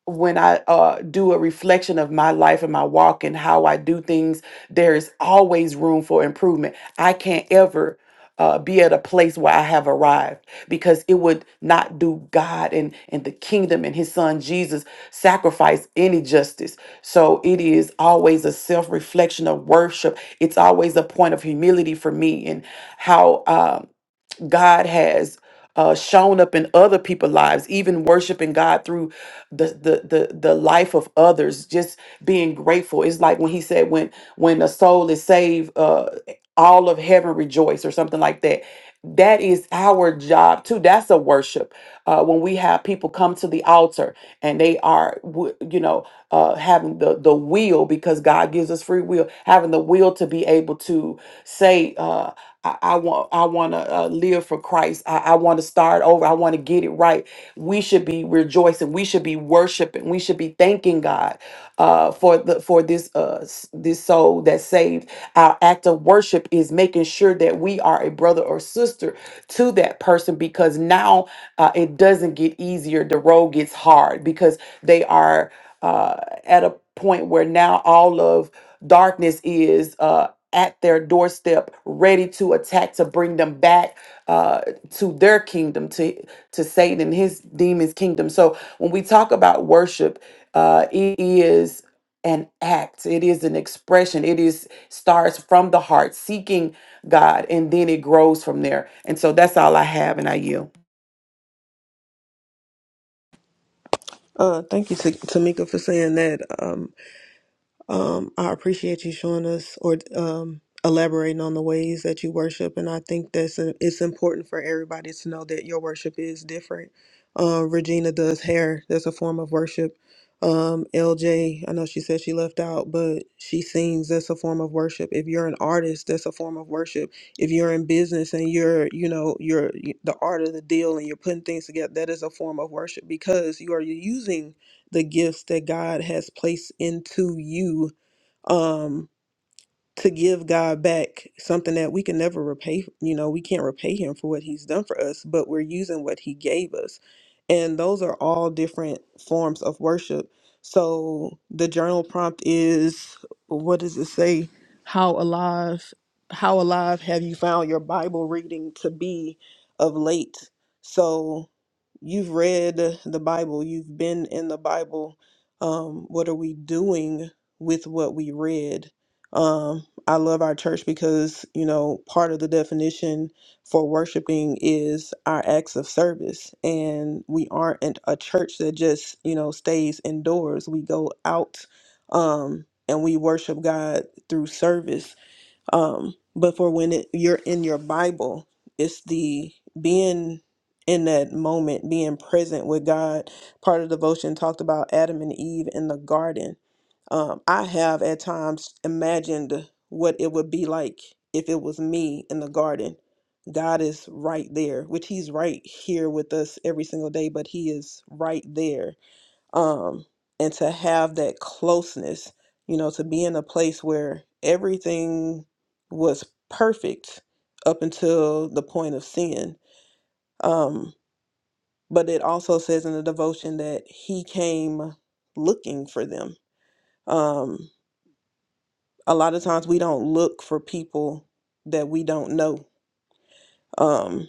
F: when I uh, do a reflection of my life and my walk and how I do things, there is always room for improvement. I can't ever uh, be at a place where I have arrived because it would not do God and, and the kingdom and his son Jesus sacrifice any justice. So it is always a self reflection of worship. It's always a point of humility for me and how. Um, God has uh, shown up in other people's lives, even worshiping God through the, the the the life of others, just being grateful. It's like when he said, when when a soul is saved, uh, all of heaven rejoice, or something like that. That is our job too. That's a worship. Uh, when we have people come to the altar and they are, w- you know, uh, having the the will because God gives us free will, having the will to be able to say. Uh, I, I want I want to uh, live for Christ. I, I want to start over. I want to get it right. We should be rejoicing. We should be worshiping. We should be thanking God uh, for the for this uh, s- this soul that's saved. Our act of worship is making sure that we are a brother or sister to that person because now uh, it doesn't get easier. The road gets hard because they are uh, at a point where now all of darkness is uh, at their doorstep, ready to attack to bring them back uh, to their kingdom, to to Satan and his demons' kingdom. So when we talk about worship, uh, it is an act it is an expression it is starts from the heart seeking god and then it grows from there and so that's all i have and i yield
B: Uh, thank you, Ta- Tamika, for saying that. Um, Um, I appreciate you showing us or um, elaborating on the ways that you worship, and I think that's uh, it's important for everybody to know that your worship is different. Uh, Regina does hair; that's a form of worship. Um, LJ, know she said she left out, but she sings. That's a form of worship. If you're an artist, that's a form of worship. If you're in business and you're, you know, you're the art of the deal and you're putting things together, that is a form of worship because you are using the gifts that God has placed into you um, to give God back something that we can never repay. You know, we can't repay Him for what He's done for us, but we're using what He gave us. And those are all different forms of worship. So the journal prompt is what does it say? How alive, how alive have you found your Bible reading to be of late? So you've read the Bible, you've been in the Bible. Um, what are we doing with what we read? Um, I love our church because, you know, part of the definition for worshiping is our acts of service. And we aren't an- a church that just, you know, stays indoors. We go out um, and we worship God through service. Um, but for when it, you're in your Bible, it's the being in that moment, being present with God. Part of devotion talked about Adam and Eve in the garden um, I have at times imagined what it would be like if it was me in the garden. God is right there, which He's right here with us every single day, but He is right there. Um, and to have that closeness, you know, to be in a place where everything was perfect up until the point of sin. Um, but it also says in the devotion that He came looking for them. Um, a lot of times we don't look for people that we don't know um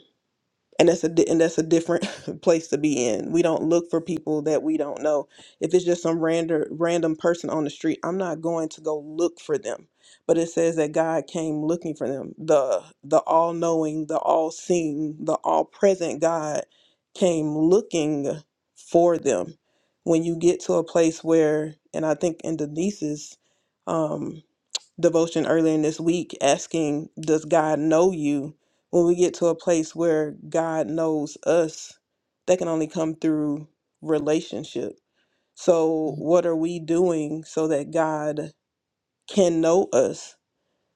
B: and that's a di- and that's a different place to be in we don't look for people that we don't know if it's just some random random person on the street i'm not going to go look for them but it says that god came looking for them the the all-knowing the all-seeing the all-present god came looking for them when you get to a place where and i think in denise's um, devotion earlier in this week asking, Does God know you? When we get to a place where God knows us, that can only come through relationship. So, Mhm. what are we doing so that God can know us?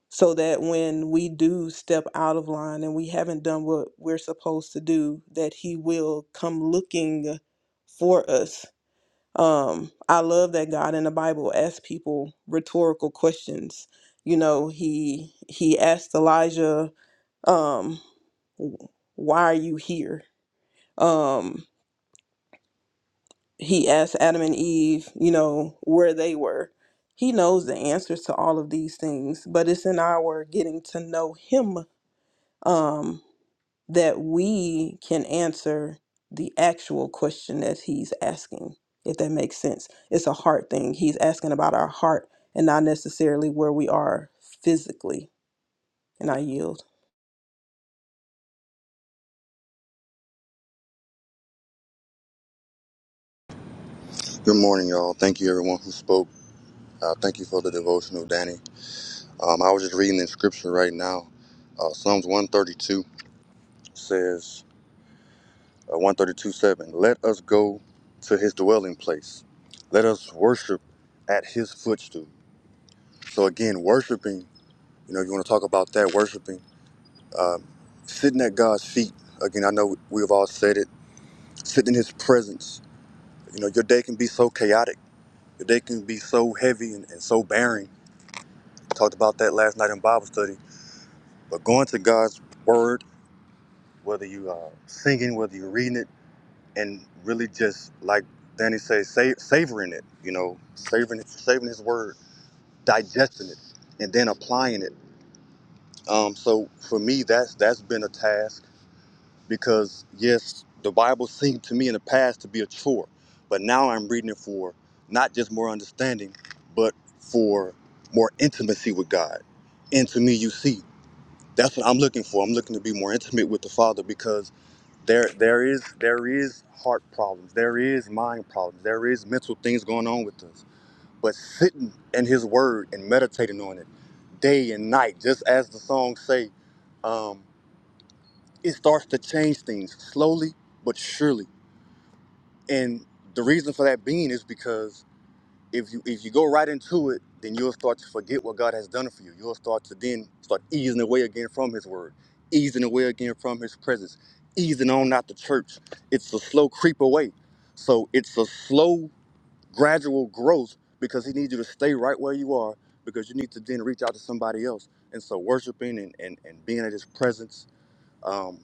B: So that when we do step out of line and we haven't done what we're supposed to do, that He will come looking for us um, I love that God in the Bible asks people rhetorical questions. You know, he he asked Elijah, um, why are you here? Um, he asked Adam and Eve, you know, where they were. He knows the answers to all of these things, but it's in our getting to know him um, that we can answer the actual question that he's asking, if that makes sense. It's a heart thing. He's asking about our heart and not necessarily where we are physically. And I yield.
G: Good morning, y'all. Thank you, everyone who spoke. Uh, thank you for the devotional, Danny. Um, I was just reading in scripture right now. Uh, Psalms 132 says, uh, 132 7, let us go to his dwelling place. Let us worship at his footstool. So, again, worshiping, you know, you want to talk about that, worshiping, um, sitting at God's feet. Again, I know we've all said it, sitting in his presence. You know, your day can be so chaotic, your day can be so heavy and, and so barren Talked about that last night in Bible study. But going to God's word, whether you are singing, whether you're reading it, and really just like Danny says, sa- savoring it. You know, savoring it, savoring His word, digesting it, and then applying it. Um, so for me, that's that's been a task because yes, the Bible seemed to me in the past to be a chore, but now I'm reading it for not just more understanding, but for more intimacy with God. And to me, you see. that's what I'm looking for. I'm looking to be more intimate with the Father because there there is there is heart problems, there is mind problems, there is mental things going on with us. But sitting in His Word and meditating on it day and night, just as the song say, um, it starts to change things slowly but surely. And the reason for that being is because if you if you go right into it, then you'll start to forget what God has done for you. You'll start to then start easing away again from His Word, easing away again from His presence, easing on out the church. It's a slow creep away, so it's a slow, gradual growth because He needs you to stay right where you are because you need to then reach out to somebody else. And so worshiping and and, and being at His presence um,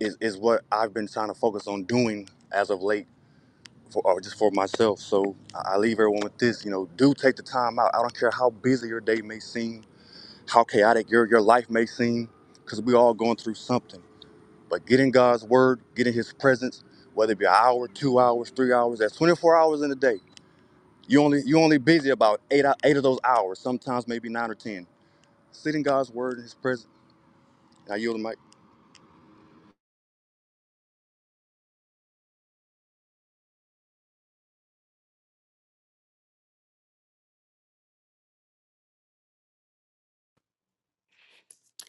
G: is is what I've been trying to focus on doing as of late for, or just for myself. So I I leave everyone with this, you know, do take the time out. I don't care how busy your day may seem, how chaotic your, your life may seem, because we all going through something. But get in God's word, get in his presence, whether it be an hour, two hours, three hours, that's 24 hours in a day. You only you only busy about eight ou- eight of those hours, sometimes maybe nine or ten. Sit in God's word in his presence. and I yield the mic.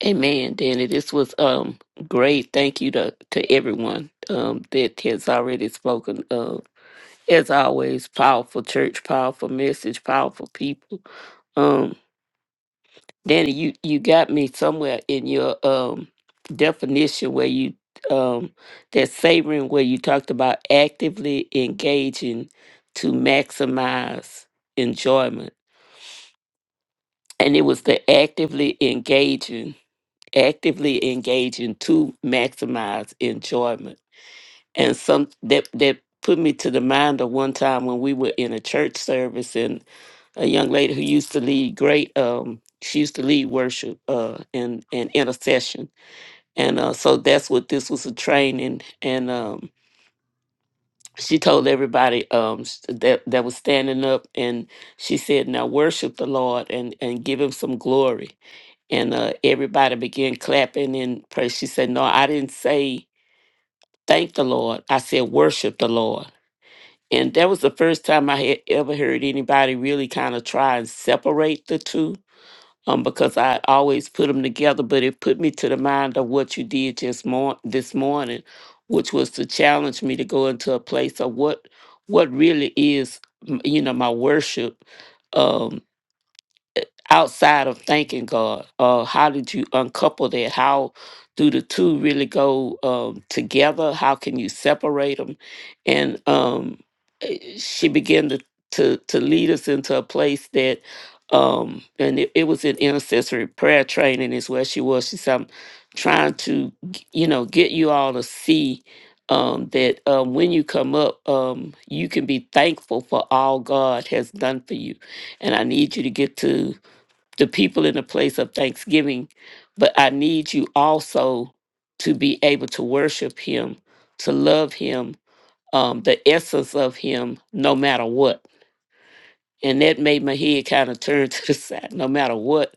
A: Amen, Danny. This was um great. Thank you to to everyone um that has already spoken. as always, powerful church, powerful message, powerful people. Um, Danny, you you got me somewhere in your um definition where you um that savoring where you talked about actively engaging to maximize enjoyment, and it was the actively engaging, actively engaging to maximize enjoyment and some that that put me to the mind of one time when we were in a church service and a young lady who used to lead great um she used to lead worship uh and and intercession and uh so that's what this was a training and um she told everybody um s- that that was standing up and she said now worship the lord and and give him some glory and uh everybody began clapping and praise she said no i didn't say thank the lord i said worship the lord And that was the first time I had ever heard anybody really kind of try and separate the two um, because I always put them together. But it put me to the mind of what you did just mor- this morning, which was to challenge me to go into a place of what what really is, m- you know, my worship. um, outside of thanking God? Uh, how did you uncouple that? How do the two really go um, together? How can you separate them? And um, eh, she began to, to to lead us into a place that, um, and it, it was an intercessory prayer training is where she was. She said, "I'm trying to, g- you know, get you all to see." Um, that um, when you come up, um, you can be thankful for all God has done for you and I need you to get to the people in a place of thanksgiving, but I need you also to be able to worship Him, to love Him, um, the essence of Him, no matter what. And that made my head kind of turn to the side, no matter what,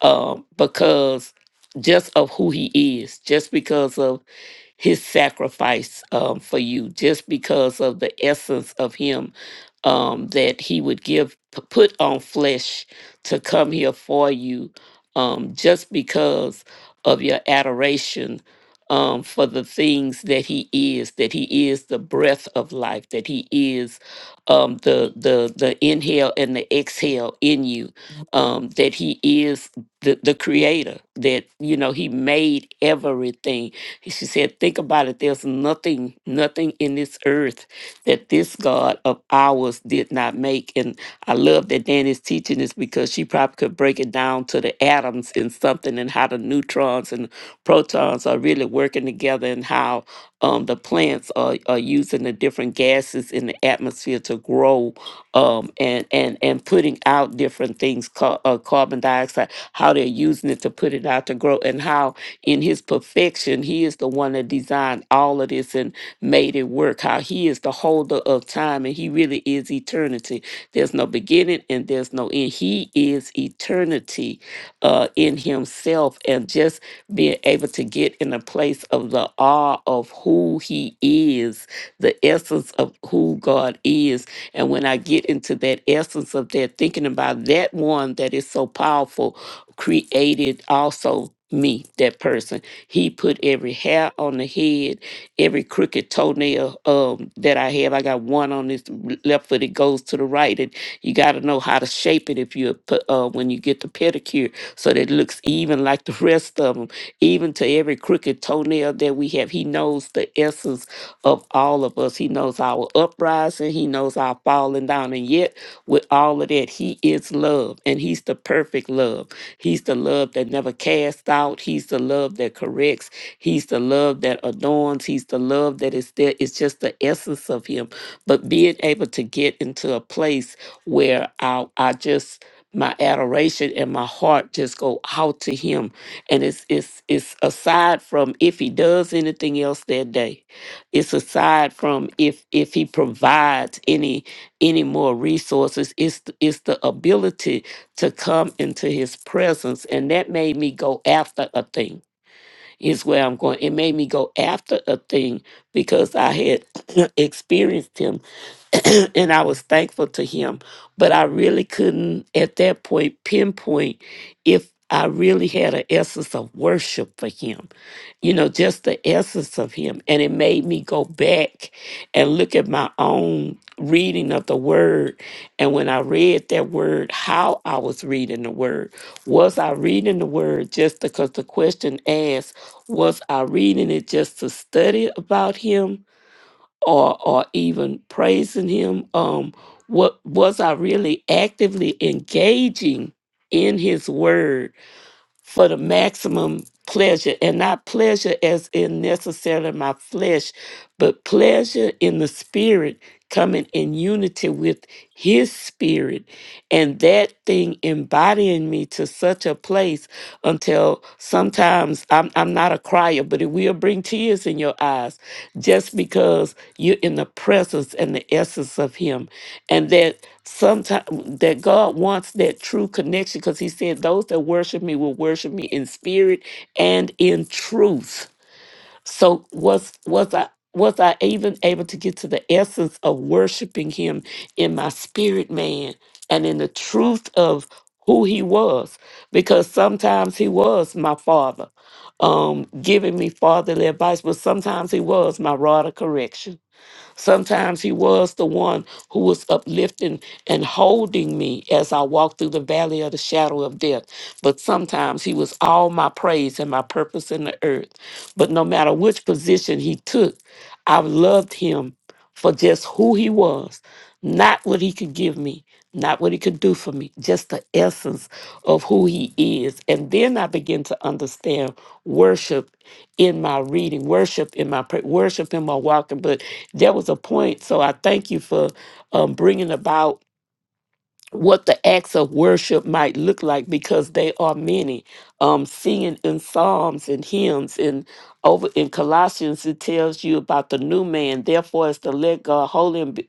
A: um, because just of who He is, just because of his sacrifice um, for you just because of the essence of him um, that he would give p- put on flesh to come here for you um, just because of your adoration um, for the things that he is that he is the breath of life that he is um, the the the inhale and the exhale in you um, that he is the, the creator that you know he made everything and she said, Think about it. There's nothing, nothing in this earth that this God of ours did not make. And I love that Danny's teaching this because she probably could break it down to the atoms in something and how the neutrons and protons are really working together and how um, the plants are, are using the different gases in the atmosphere to grow um, and, and, and putting out different things, ca- uh, carbon dioxide, how they're using it to put it out to grow and how in his perfection, he is the one that designed all of this and made it work. How he is the holder of time and he really is eternity. There's no beginning and there's no end. He is eternity uh, in himself and just being able to get in a place of the awe of who he is, the essence of who God is. And when I get into that essence of that, thinking about that one that is so powerful created also me, that person. He put every hair on the head, every crooked toenail um, that I have. I got one on this r- left foot. It goes to the right, and you got to know how to shape it if you put uh, when you get the pedicure, so that it looks even like the rest of them. Even to every crooked toenail that we have, he knows the essence of all of us. He knows our uprising. He knows our falling down, and yet with all of that, he is love, and he's the perfect love. He's the love that never casts out. He's the love that corrects. He's the love that adorns. He's the love that is there. It's just the essence of Him. But being able to get into a place where I, I just my adoration and my heart just go out to Him, and it's it's it's aside from if He does anything else that day, it's aside from if if He provides any any more resources. It's th- it's the ability to come into his presence and that made me go after a thing is where i'm going it made me go after a thing because i had experienced him and i was thankful to him but i really couldn't at that point pinpoint if i really had an essence of worship for him you know, just the essence of him. And it made me go back and look at my own reading of the word. And when I read that word, how I was reading the word. Was I reading the word just because the question asked, was I reading it just to study about him or or even praising him? Um what was I really actively engaging in his word for the maximum pleasure, and not pleasure as in necessarily my flesh, but pleasure in the spirit coming in unity with his spirit, and that thing embodying me to such a place until sometimes I'm, I'm not a crier, but it will bring tears in your eyes just because you're in the presence and the essence of him, and that sometimes that God wants that true connection because he said those that worship me will worship me in spirit and in truth. So was was I was I even able to get to the essence of worshiping him in my spirit man and in the truth of who he was? Because sometimes he was my father, um, giving me fatherly advice, but sometimes he was my rod of correction Sometimes he was the one who was uplifting and holding me as I walked through the valley of the shadow of death. But sometimes he was all my praise and my purpose in the earth. But no matter which position he took, I loved him for just who he was, not what he could give me, not what he could do for me, just the essence of who he is. And then I began to understand worship in my reading, worship in my prayer, worship in my walking. But there was a point. So I thank you for um, bringing about what the acts of worship might look like because they are many. Um, singing in psalms and hymns and over in Colossians it tells you about the new man. Therefore, is to let God holy and be-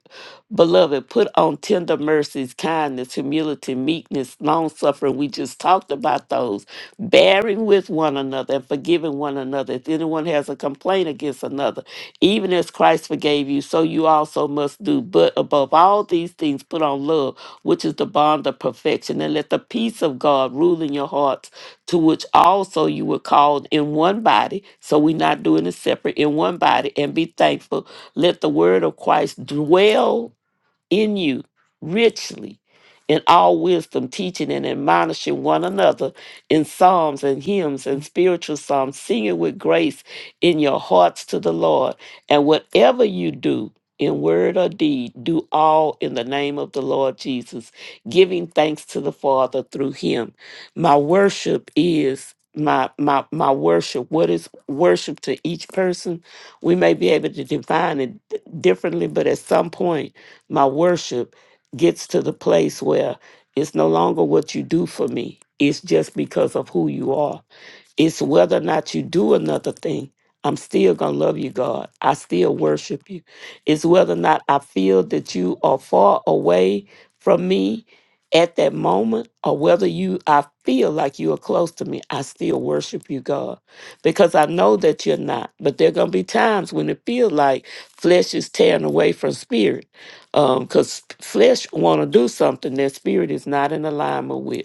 A: beloved put on tender mercies, kindness, humility, meekness, long suffering. We just talked about those, bearing with one another and forgiving one another. If anyone has a complaint against another, even as Christ forgave you, so you also must do. But above all these things, put on love which is the bond of perfection. And let the peace of God rule in your hearts, to which also you were called in one body. So we're not doing it separate in one body. And be thankful. Let the word of Christ dwell in you richly in all wisdom, teaching and admonishing one another in psalms and hymns and spiritual psalms, singing with grace in your hearts to the Lord. And whatever you do, in word or deed, do all in the name of the Lord Jesus, giving thanks to the Father through him. My worship is my my my worship. What is worship to each person? We may be able to define it differently, but at some point my worship gets to the place where it's no longer what you do for me, it's just because of who you are it's whether or not you do another thing. I'm still going to love you, God. I still worship you. It's whether or not I feel that you are far away from me at that moment or whether you I feel like you are close to me. I still worship you, God, because I know that you're not. But there are going to be times when it feels like flesh is tearing away from spirit because flesh want to do something that spirit is not in alignment with.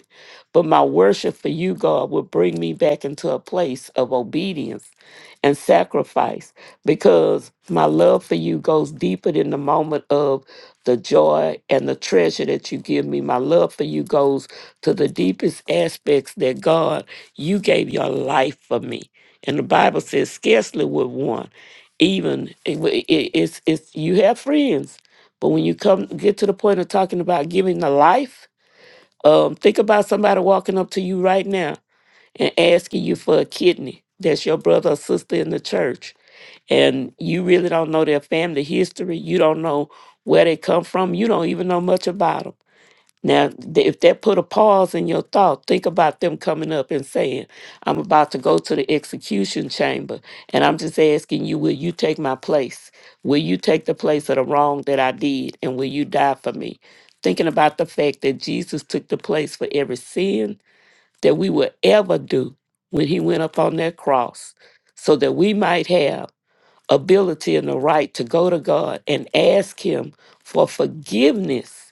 A: But my worship for you, God, will bring me back into a place of obedience and sacrifice because my love for you goes deeper than the moment of the joy and the treasure that you give me. My love for you goes to the deepest aspects that God, you gave your life for me. And the Bible says, scarcely would one even it- it- it's it's you have friends, but when you come get to the point of talking about giving the life, um, think about somebody walking up to you right now and asking you for a kidney. That's your brother or sister in the church. And you really don't know their family history. You don't know where they come from. You don't even know much about them. Now, th- if that put a pause in your thought, think about them coming up and saying, I'm about to go to the execution chamber, and I'm just asking you, will you take my place? Will you take the place of the wrong that I did, and will you die for me? Thinking about the fact that Jesus took the place for every sin that we will ever do when he went up on that cross, so that we might have ability and the right to go to God and ask him for forgiveness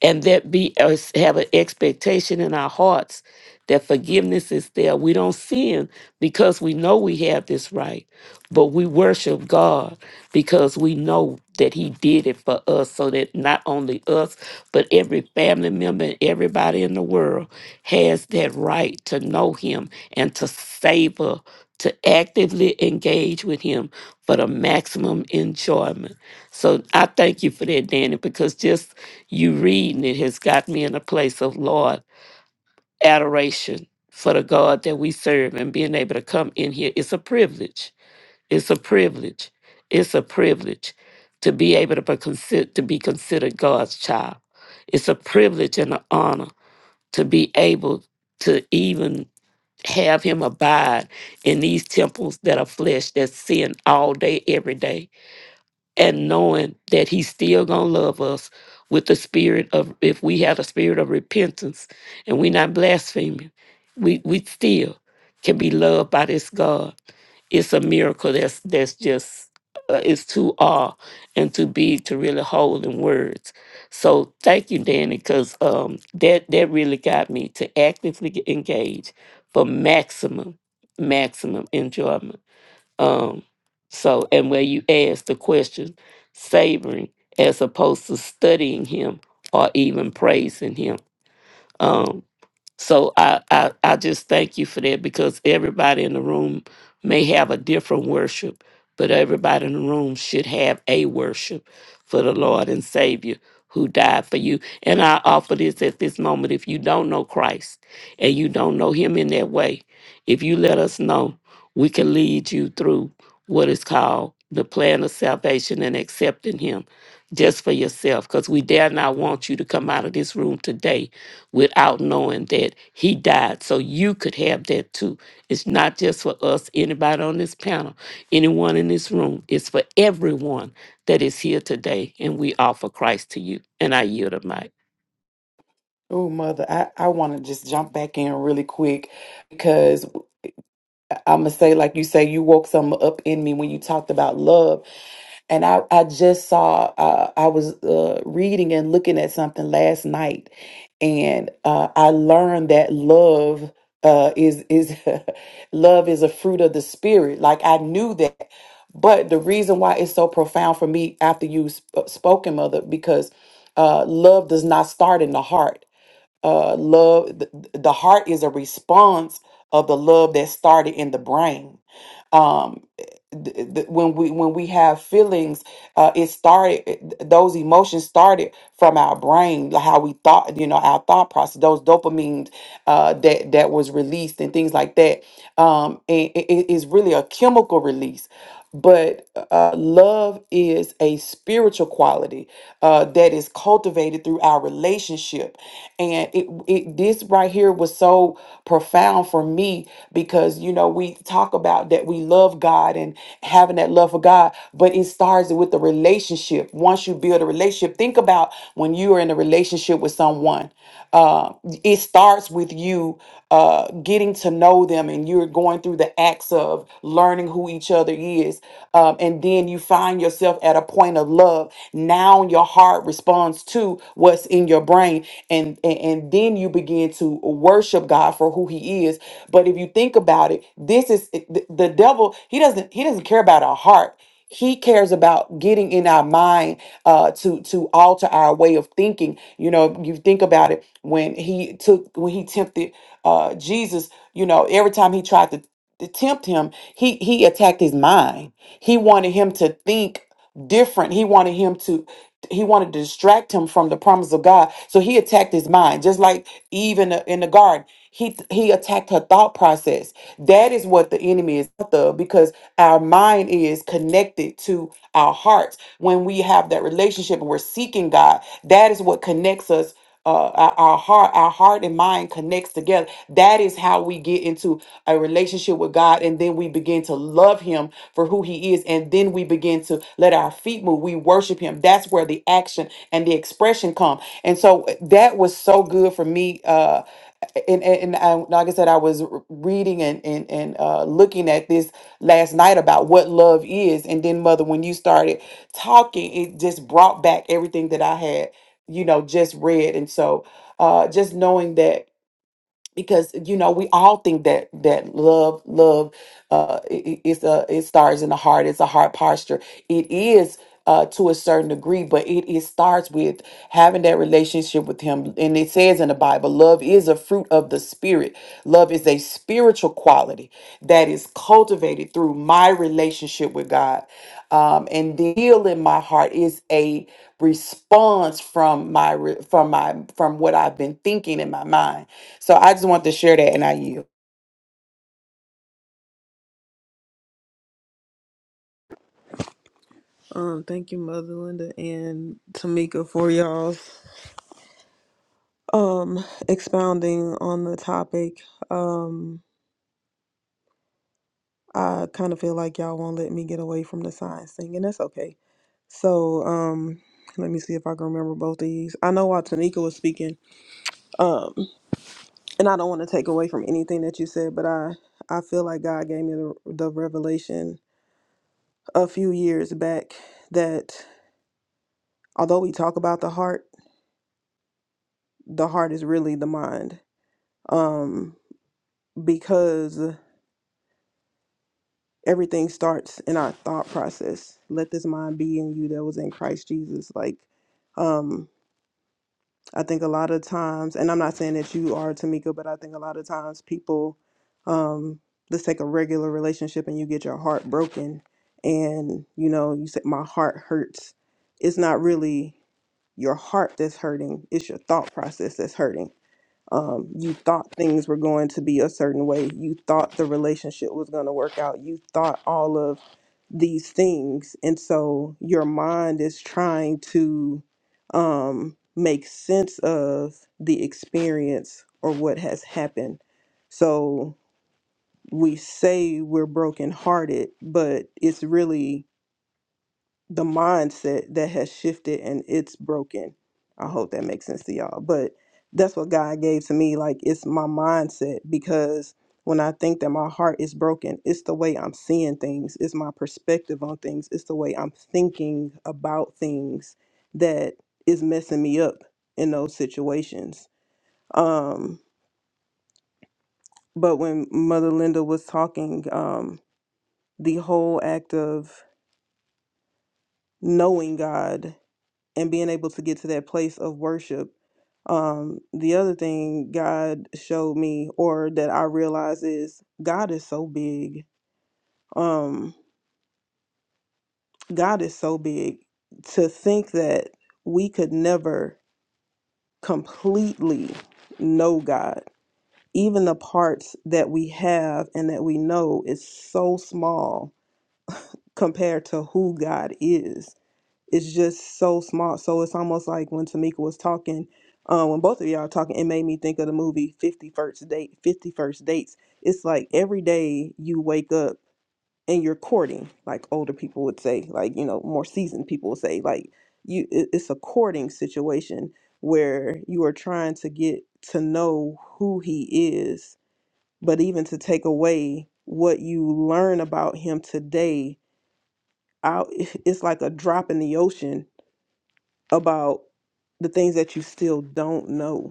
A: and that be us have an expectation in our hearts that forgiveness is there. We don't sin because we know we have this right, but we worship God because we know that He did it for us, so that not only us, but every family member and everybody in the world has that right to know Him and to savor, to actively engage with Him for the maximum enjoyment. So I thank you for that, Danny, because just you reading it has got me in a place of, Lord, adoration for the God that we serve and being able to come in here. It's a privilege. It's a privilege. It's a privilege to be able to be, consider, to be considered God's child. It's a privilege and an honor to be able to even have Him abide in these temples that are flesh, that sin all day, every day and knowing that he's still gonna love us with the spirit of if we have a spirit of repentance and we're not blaspheming, we we still can be loved by this God. It's a miracle that's that's just uh, it's too awe and too big to really hold in words. So thank you, Danny, because um, that that really got me to actively engage for maximum maximum enjoyment. Um, so, and where you ask the question, savoring as opposed to studying him or even praising him. Um, so I, I I just thank you for that because everybody in the room may have a different worship, but everybody in the room should have a worship for the Lord and Savior who died for you. And I offer this at this moment. If you don't know Christ and you don't know him in that way, if you let us know, we can lead you through what is called the plan of salvation and accepting him just for yourself. Because we dare not want you to come out of this room today without knowing that he died. So you could have that too. It's not just for us, anybody on this panel, anyone in this room. It's for everyone that is here today. And we offer Christ to you. And I yield the mic.
F: oh mother i, I want to just jump back in really quick because. I'm gonna say, like you say, you woke something up in me when you talked about love. And I, I just saw, uh, I was uh, reading and looking at something last night, and uh, I learned that love uh, is is love is a fruit of the spirit. Like I knew that, but the reason why it's so profound for me after you sp- spoken, mother, because uh, love does not start in the heart uh, love the, the heart is a response of the love that started in the brain um th- th- when we when we have feelings uh it started it- those emotions started from our brain like how we thought you know our thought process those dopamines uh that that was released and things like that um and it it is really a chemical release but uh, love is a spiritual quality uh, that is cultivated through our relationship and it, it this right here was so profound for me because you know we talk about that we love god and having that love for god but it starts with the relationship once you build a relationship think about when you are in a relationship with someone uh, it starts with you uh, getting to know them and you're going through the acts of learning who each other is. Um, and then you find yourself at a point of love. Now your heart responds to what's in your brain. And, and, and then you begin to worship God for who he is. But if you think about it, this is eh, the, the devil, he doesn't, he doesn't care about our heart. He cares about getting in our mind uh, to to alter our way of thinking. You know, you think about it when he took when he tempted uh, Jesus. You know, every time he tried to, to tempt him, he he attacked his mind. He wanted him to think different. He wanted him to he wanted to distract him from the promise of God. So he attacked his mind, just like Eve in the, in the garden. He he attacked her thought process. That is what the enemy is out of because our mind is connected to our hearts. When we have that relationship and we're seeking God, that is what connects us uh, our, our heart our heart and mind connects together that is how we get into a relationship with god and then we begin to love him for who he is and then we begin to let our feet move we worship him that's where the action and the expression come and so uh, that was so good for me uh and, and, and I, like I said, I was r- reading and, and, and uh, looking at this last night about what love is. And then, Mother, when you started talking, it just brought back everything that I had you know just read and so uh just knowing that because you know we all think that that love love uh, it, it's a, it starts in the heart. It's a heart posture. It is uh, to a certain degree, but it, it starts with having that relationship with Him. And it says in the Bible, love is a fruit of the Spirit. Love is a spiritual quality that is cultivated through my relationship with God. Um, and the heal in my heart is a response from my re- from my from what I've been thinking in my mind. So I just want to share that, and I yield.
B: Um, thank you, Mother Linda and Tamika, for y'all's um expounding on the topic. Um, I kind of feel like y'all won't let me get away from the science thing, and that's okay. So, um, let me see if I can remember both of these. I know while Tamika was speaking. um, and I don't want to take away from anything that you said, but I I feel like God gave me the, the revelation a few years back that although we talk about the heart, the heart is really the mind, um, because everything starts in our thought process. Let this mind be in you that was in Christ Jesus, like. um, I think a lot of times, and I'm not saying that you are Tamika, but I think a lot of times people, um, let's take a regular relationship and you get your heart broken, and you know you said my heart hurts. It's not really your heart that's hurting; it's your thought process that's hurting. Um, you thought things were going to be a certain way. You thought the relationship was going to work out. You thought all of these things. And so your mind is trying to um, make sense of the experience or what has happened. So we say we're brokenhearted, but it's really the mindset that has shifted and it's broken. I hope that makes sense to y'all. But that's what God gave to me. Like it's my mindset because when I think that my heart is broken, it's the way I'm seeing things, it's my perspective on things, it's the way I'm thinking about things that is messing me up in those situations. Um, but when Mother Linda was talking, um, the whole act of knowing God and being able to get to that place of worship. Um, the other thing God showed me or that I realize is God is so big. Um, God is so big to think that we could never completely know God. Even the parts that we have and that we know is so small compared to who God is it's just so smart. So it's almost like when Tamika was talking, um, when both of y'all talking, it made me think of the movie Fifty First Date, Fifty First Dates. It's like every day you wake up and you're courting, like older people would say, like you know, more seasoned people would say, like you, it, it's a courting situation where you are trying to get to know who he is, but even to take away what you learn about him today out it's like a drop in the ocean about the things that you still don't know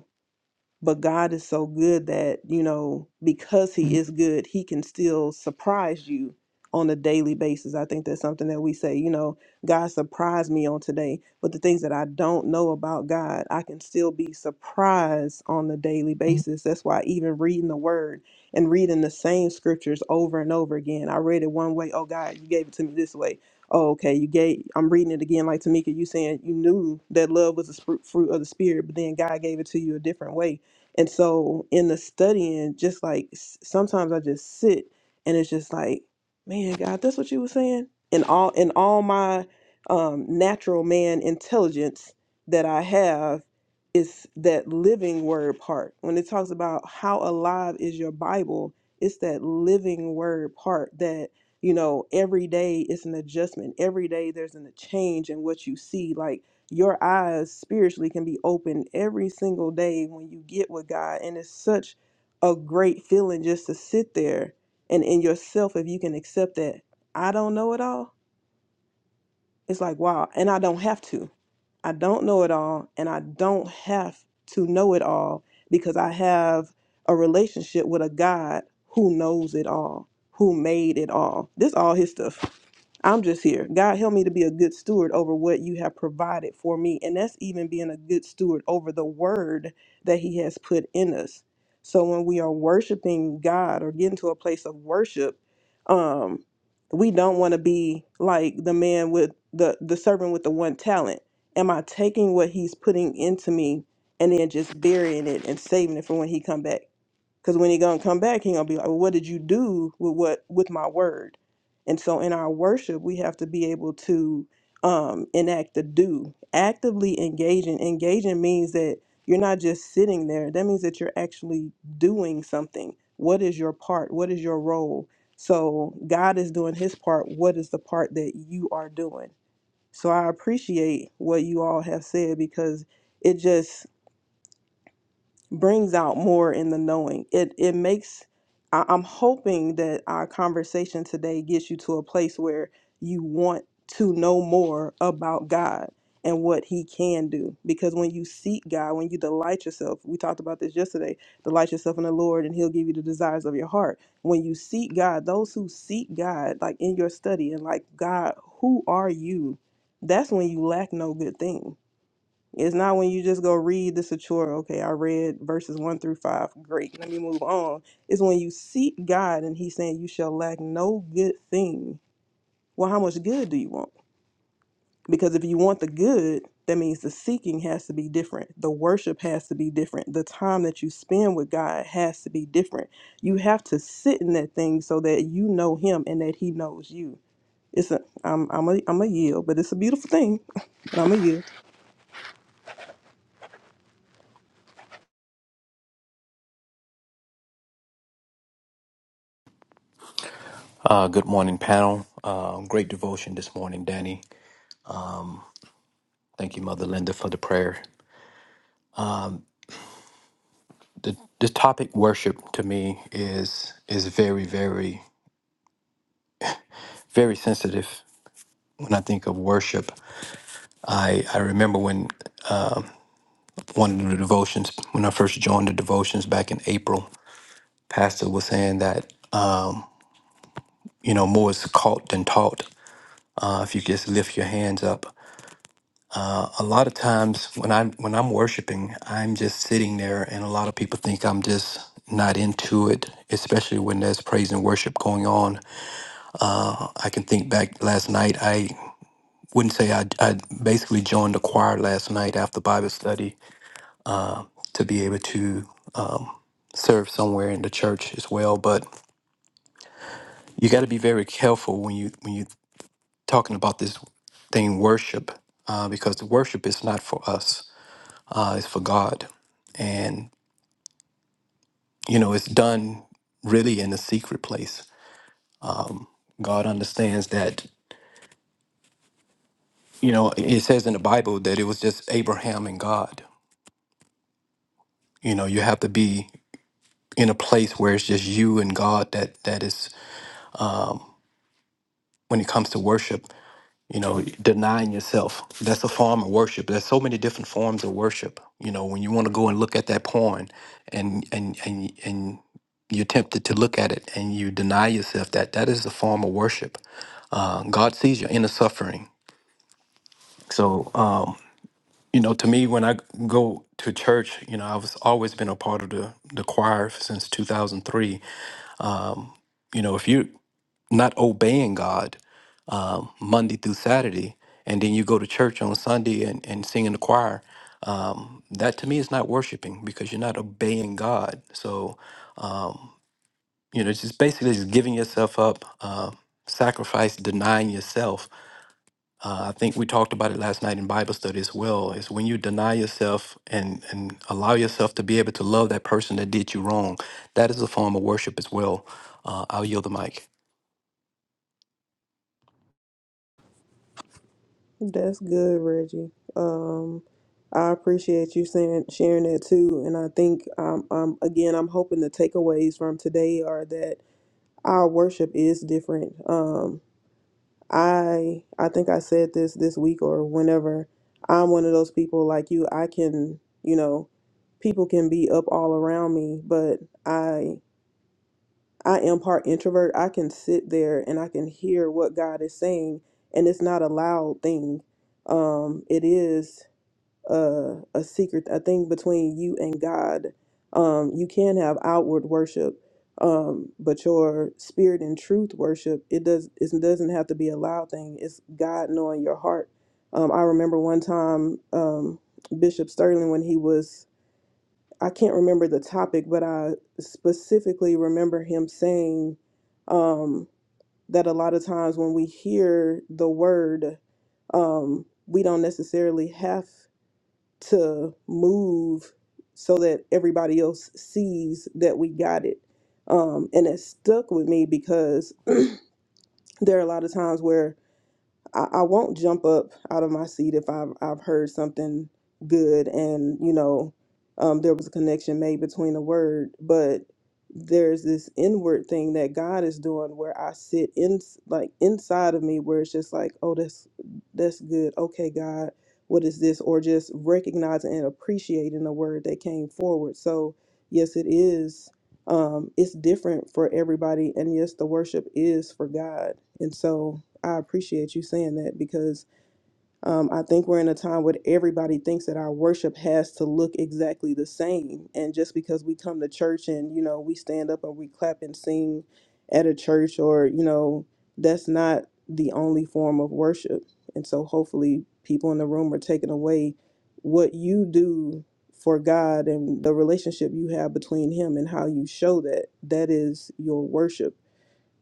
B: but God is so good that, you know, because He is good, He can still surprise you on a daily basis. I think that's something that we say, you know, God surprised me on today, but the things that I don't know about God, I can still be surprised on a daily basis. That's why even reading the Word and reading the same scriptures over and over again, I read it one way, oh God, you gave it to me this way. Oh, okay, you gave. I'm reading it again, like Tamika. You saying you knew that love was the spru- fruit of the spirit, but then God gave it to you a different way and so in the studying, just like s- sometimes I just sit and it's just like, man, God, that's what you were saying. In all in all my um, natural man intelligence that I have is that living word part. When it talks about how alive is your Bible, it's that living word part that you know every day it's an adjustment every day there's an, a change in what you see like your eyes spiritually can be opened every single day when you get with God. And it's such a great feeling just to sit there and in yourself, if you can accept that I don't know it all, it's like, wow. And I don't have to. I don't know it all. And I don't have to know it all because I have a relationship with a God who knows it all, who made it all. This all his stuff. I'm just here. God, help me to be a good steward over what you have provided for me. And that's even being a good steward over the word that He has put in us. So when we are worshiping God or getting to a place of worship, um, we don't want to be like the man with the, the servant with the one talent. Am I taking what he's putting into me and then just burying it and saving it for when he come back? Because when he gonna come back, he gonna be like, well, "What did you do with what with my word?" And so in our worship, we have to be able to um, enact the do actively engaging. Engaging means that you're not just sitting there. That means that you're actually doing something. What is your part? What is your role? So God is doing His part. What is the part that you are doing? So I appreciate what you all have said because it just brings out more in the knowing. It it makes I- I'm hoping that our conversation today gets you to a place where you want to know more about God and what he can do. Because when you seek God, when you delight yourself, we talked about this yesterday, delight yourself in the Lord and he'll give you the desires of your heart. When you seek God, those who seek God, like in your study and like God, who are you? That's when you lack no good thing it's not when you just go read this a chore. Okay, I read verses one through five. Great, let me move on. It's when you seek God and He's saying, You shall lack no good thing. Well, how much good do you want? Because if you want the good, that means the seeking has to be different. The worship has to be different. The time that you spend with God has to be different. You have to sit in that thing so that you know Him and that He knows you. It's a, I'm, I'm a, I'm a yield, but it's a beautiful thing. And I'm a yield.
H: Uh, good morning, panel. Uh, great devotion this morning, Danny. Thank you, Mother Linda, for the prayer. The, the topic worship to me is is very, very, very sensitive. When I think of worship, I, I remember when one of the devotions, when I first joined the devotions back in April, Pastor was saying that, you know, more is caught than taught. Uh, if you just lift your hands up. a lot of times when I'm when I'm worshiping, I'm just sitting there, and a lot of people think I'm just not into it. Especially when there's praise and worship going on. I can think back last night. I wouldn't say I I basically joined the choir last night after Bible study to be able to serve somewhere in the church as well. But you got to be very careful when you when you're talking about this thing worship, uh, because the worship is not for us. Uh, it's for God. you know it's done really in a secret place god understands that you know it says in the bible that it was just abraham and god you know you have to be in a place where it's just you and god that that is when it comes to worship you know denying yourself that's a form of worship there's so many different forms of worship you know when you want to go and look at that porn and and and and you're tempted to look at it and you deny yourself that that is a form of worship uh, god sees your inner suffering So, um, you know, to me, when I go to church, you know, I've always been a part of the, the choir since 2003. You know, if you're not obeying God um, Monday through Saturday, and then you go to church on Sunday and, and sing in the choir, um, that to me is not worshiping because you're not obeying God. So, um, you know, it's just basically just giving yourself up, uh, sacrifice, denying yourself Uh, I think we talked about it last night in Bible study as well. Is when you deny yourself and and allow yourself to be able to love that person that did you wrong. That is a form of worship as well. Uh, I'll yield the mic.
B: That's good, Reggie. Um, I appreciate you saying sharing that too. And I think um, um again, I'm hoping the takeaways from today are that our worship is different. Um, I I think I said this this week or whenever. I'm one of those people like you. I can, you know, people can be up all around me, but I I am part introvert. I can sit there and I can hear what God is saying, and it's not a loud thing. Um, it is a, a secret, a thing between you and God. Um, you can have outward worship, um, but your spirit and truth worship it does it doesn't have to be a loud thing. It's God knowing your heart. Um, I remember one time um, Bishop Sterling when he was I can't remember the topic, but I specifically remember him saying um, that a lot of times when we hear the word, um, we don't necessarily have to move so that everybody else sees that we got it. Um, and it stuck with me because there are a lot of times where I, I won't jump up out of my seat if I've I've heard something good and you know um, there was a connection made between the word, but there's this inward thing that God is doing where I sit in like inside of me where it's just like oh that's that's good okay God what is this or just recognizing and appreciating the word that came forward so yes it is um it's different for everybody and yes the worship is for God and so I appreciate you saying that because um, I think we're in a time where everybody thinks that our worship has to look exactly the same. And just because we come to church and, you know, we stand up and we clap and sing at a church or, you know, that's not the only form of worship. And so hopefully people in the room are taking away what you do for God and the relationship you have between Him and how you show that. That is your worship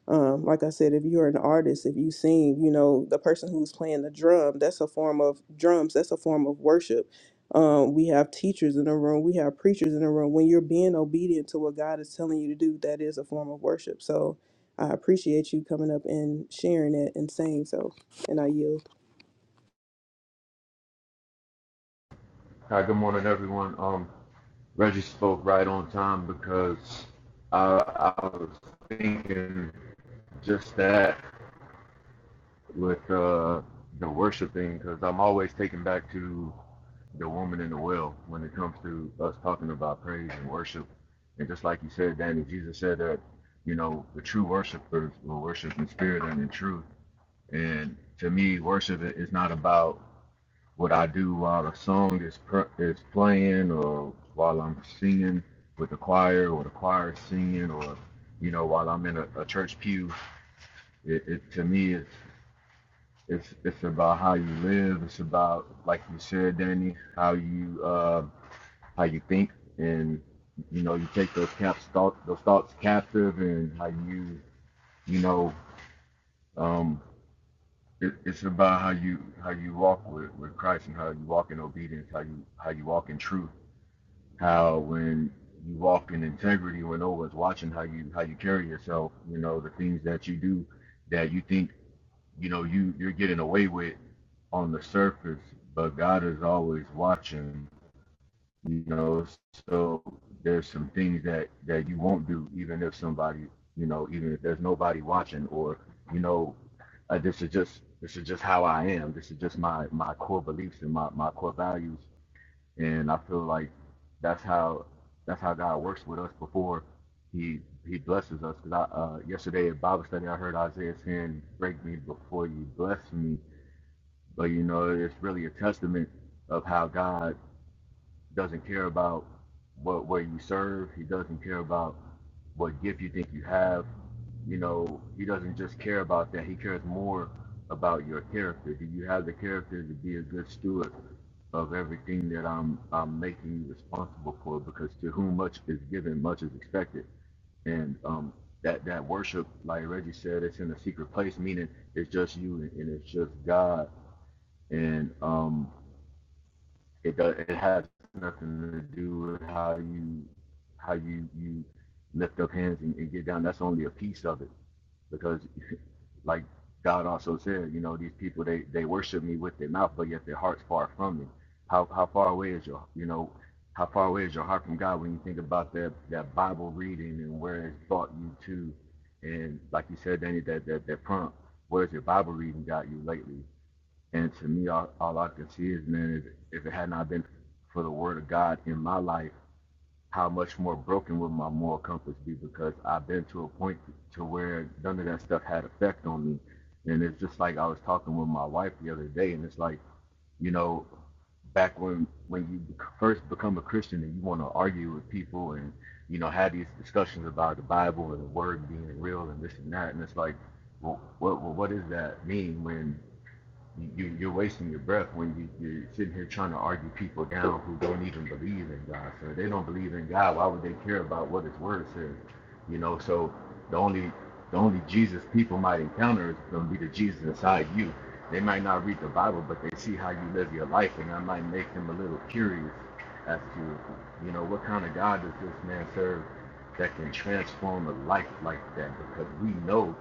B: um, like I said, if you're an artist, if you sing, you know, the person who's playing the drum, that's a form of drums, that's a form of worship. Um, we have teachers in the room, we have preachers in the room. When you're being obedient to what God is telling you to do, that is a form of worship. So I appreciate you coming up and sharing it and saying so. And I yield.
D: Hi, good morning, everyone. Um, Reggie spoke right on time because I, I was thinking just that with uh, the worshiping because I'm always taken back to the woman in the well when it comes to us talking about praise and worship. And just like you said, Danny, Jesus said that, you know, the true worshipers will worship in spirit and in truth. And to me, worship is not about what I do while a song is pr- is playing or while I'm singing with the choir or the choir is singing or you know while I'm in a, a church pew it, it to me it's it's it's about how you live it's about like you said Danny how you uh, how you think and you know you take those caps thought those thoughts captive and how you you know um it, it's about how you how you walk with, with Christ and how you walk in obedience how you how you walk in truth how when you walk in integrity, when no one's watching how you how you carry yourself, you know the things that you do that you think you know you you're getting away with on the surface, but God is always watching. You know, so there's some things that that you won't do, even if somebody, you know, even if there's nobody watching, or you know, uh, this is just this is just how I am. This is just my my core beliefs and my my core values and I feel like that's how that's how God works with us before He He blesses us. Because I uh, yesterday at Bible study I heard Isaiah saying, "Break me before you bless me," but you know it's really a testament of how God doesn't care about what where you serve. He doesn't care about what gift you think you have. You know, he doesn't just care about that. He cares more about your character. Do you have the character to be a good steward of everything that I'm I'm making you responsible for? Because to whom much is given, much is expected. And um, that that worship, like Reggie said, it's in a secret place, meaning it's just you and, and it's just God. And um, it does it has nothing to do with how you how you you lift up hands and, and get down that's only a piece of it because like god also said you know these people they they worship me with their mouth but yet their heart's far from me how how far away is your you know how far away is your heart from god when you think about that that bible reading and where it's brought you to and like you said danny that that, that prompt where's your bible reading got you lately and to me, all, all I can see is, man, if, if it had not been for the word of God in my life, how much more broken would my moral compass be? Because I've been to a point to where none of that stuff had effect on me. And it's just like I was talking with my wife the other day, and it's like, you know, back when when you first become a Christian and you want to argue with people and you know have these discussions about the Bible and the Word being real and this and that, and it's like, well, what well, what does that mean when you, you're wasting your breath when you, you're sitting here trying to argue people down who don't even believe in God. So if they don't believe in God. Why would they care about what His Word says? You know. So the only the only Jesus people might encounter is going to be the Jesus inside you. They might not read the Bible, but they see how you live your life, and that might make them a little curious as to, you know, what kind of God does this man serve that can transform a life like that? Because we know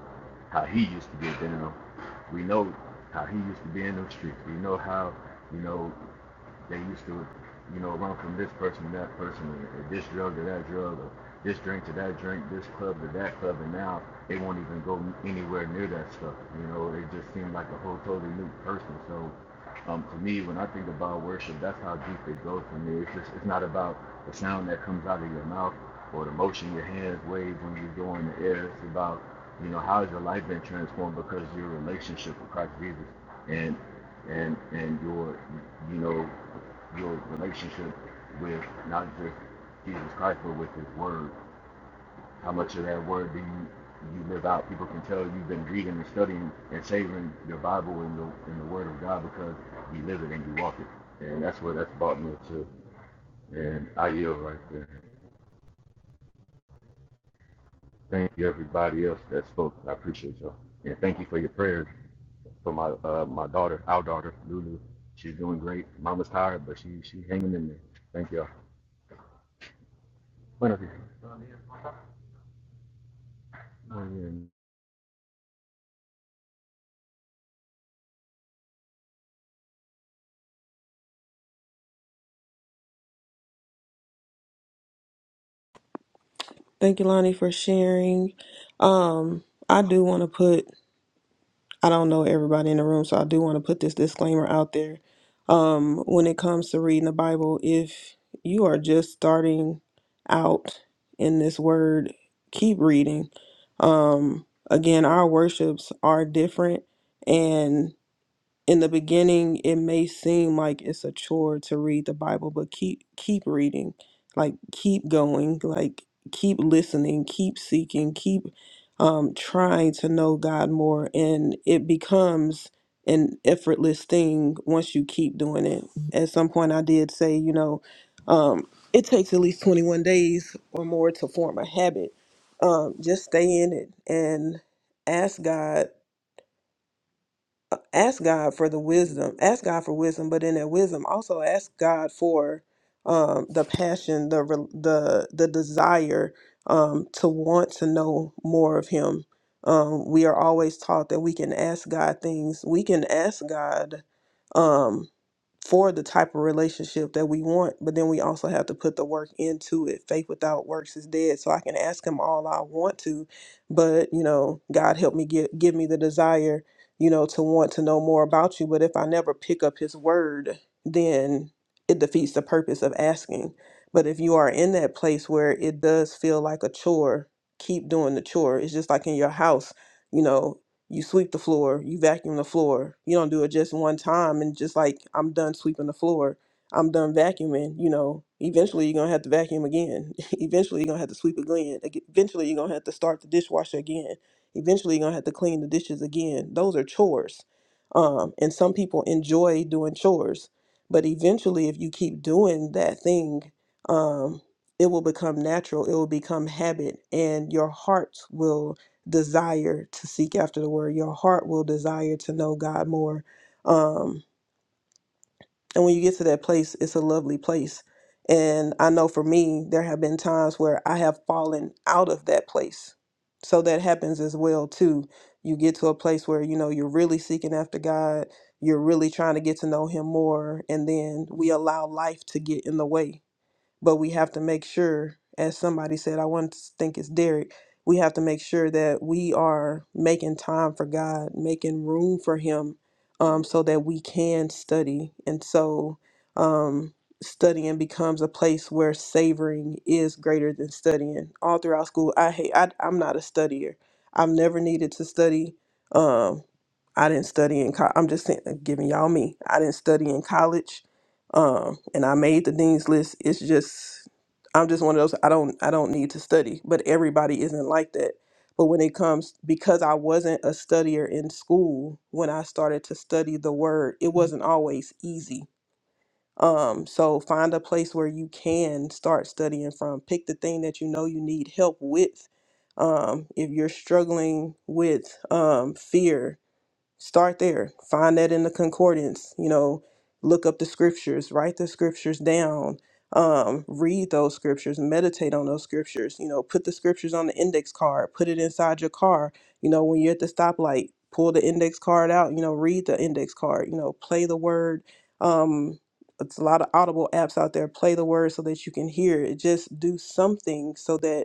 D: how he used to get down. We know how he used to be in them streets. You know how, you know, they used to, you know, run from this person to that person, or this drug to that drug, or this drink to that drink, this club to that club, and now they won't even go anywhere near that stuff. You know, it just seemed like a whole totally new person. So, um, to me, when I think about worship, that's how deep it goes for me. It's just, it's not about the sound that comes out of your mouth or the motion your hands wave when you go in the air. It's about, you know, how has your life been transformed because of your relationship with Christ Jesus and and and your, you know, your relationship with not just Jesus Christ, but with His Word. How much of that Word do you you live out? People can tell you've been reading and studying and savoring your Bible and your and the Word of God because you live it and you walk it. And that's what that's brought me to. And I yield right there. Thank you everybody else that spoke. I appreciate y'all. And thank you for your prayers for my uh, my daughter, our daughter, Lulu. She's doing great. Mama's tired, but she she hanging in there. Thank y'all. Buenos dias. Muy bien.
B: Thank you, Lonnie, for sharing. Um, I do want to put I don't know everybody in the room, so I do want to put this disclaimer out there. Um, when it comes to reading the Bible, if you are just starting out in this word, keep reading. Um, again, our worships are different, and in the beginning it may seem like it's a chore to read the bible but keep keep reading like keep going like keep listening keep seeking keep um, trying to know god more and it becomes an effortless thing once you keep doing it at some point i did say you know um, it takes at least 21 days or more to form a habit um, just stay in it and ask god ask God for the wisdom, ask God for wisdom, but in that wisdom, also ask God for um, the passion, the re- the the desire um, to want to know more of Him. Um, we are always taught that we can ask God things. We can ask God um, for the type of relationship that we want, but then we also have to put the work into it. Faith without works is dead. So I can ask Him all I want to, but you know, God help me get give me the desire you know, to want to know more about you. But if I never pick up his word, then it defeats the purpose of asking. But if you are in that place where it does feel like a chore, keep doing the chore. It's just like in your house, you know, you sweep the floor, you vacuum the floor. You don't do it just one time and just like I'm done sweeping the floor. I'm done vacuuming, you know, eventually you're going to have to vacuum again. eventually you're going to have to sweep again. Ag- Eventually you're going to have to start the dishwasher again Eventually, you're gonna have to clean the dishes again. Those are chores, um, and some people enjoy doing chores. But eventually, if you keep doing that thing, um, it will become natural. It will become habit, and your heart will desire to seek after the word. Your heart will desire to know God more. Um, and when you get to that place, it's a lovely place. And I know for me, there have been times where I have fallen out of that place. So that happens as well too. You get to a place where you know you're really seeking after God, you're really trying to get to know him more, and then we allow life to get in the way but we have to make sure, as somebody said, I want to think it's Derek, we have to make sure that we are making time for God, making room for Him, um, so that we can study. And so um, studying becomes a place where savoring is greater than studying. All throughout school, I hate, I, I'm not a studier. I've never needed to study. um. I didn't study in college. I'm just saying, uh, giving y'all me. I didn't study in college, um, and I made the dean's list. It's just, I'm just one of those. I don't, I don't need to study, but everybody isn't like that. But when it comes, because I wasn't a studier in school, when I started to study the word, it wasn't always easy. Um, so find a place where you can start studying from. Pick the thing that you know you need help with. Um, if you're struggling with um, fear, Start there. Find that in the concordance. You know, look up the scriptures, write the scriptures down, um, read those scriptures, meditate on those scriptures. You know, put the scriptures on the index card, put it inside your car. You know, when you're at the stoplight, pull the index card out, you know, read the index card, you know, play the word. Um, it's a lot of audible apps out there. Play the word so that you can hear it. Just do something so that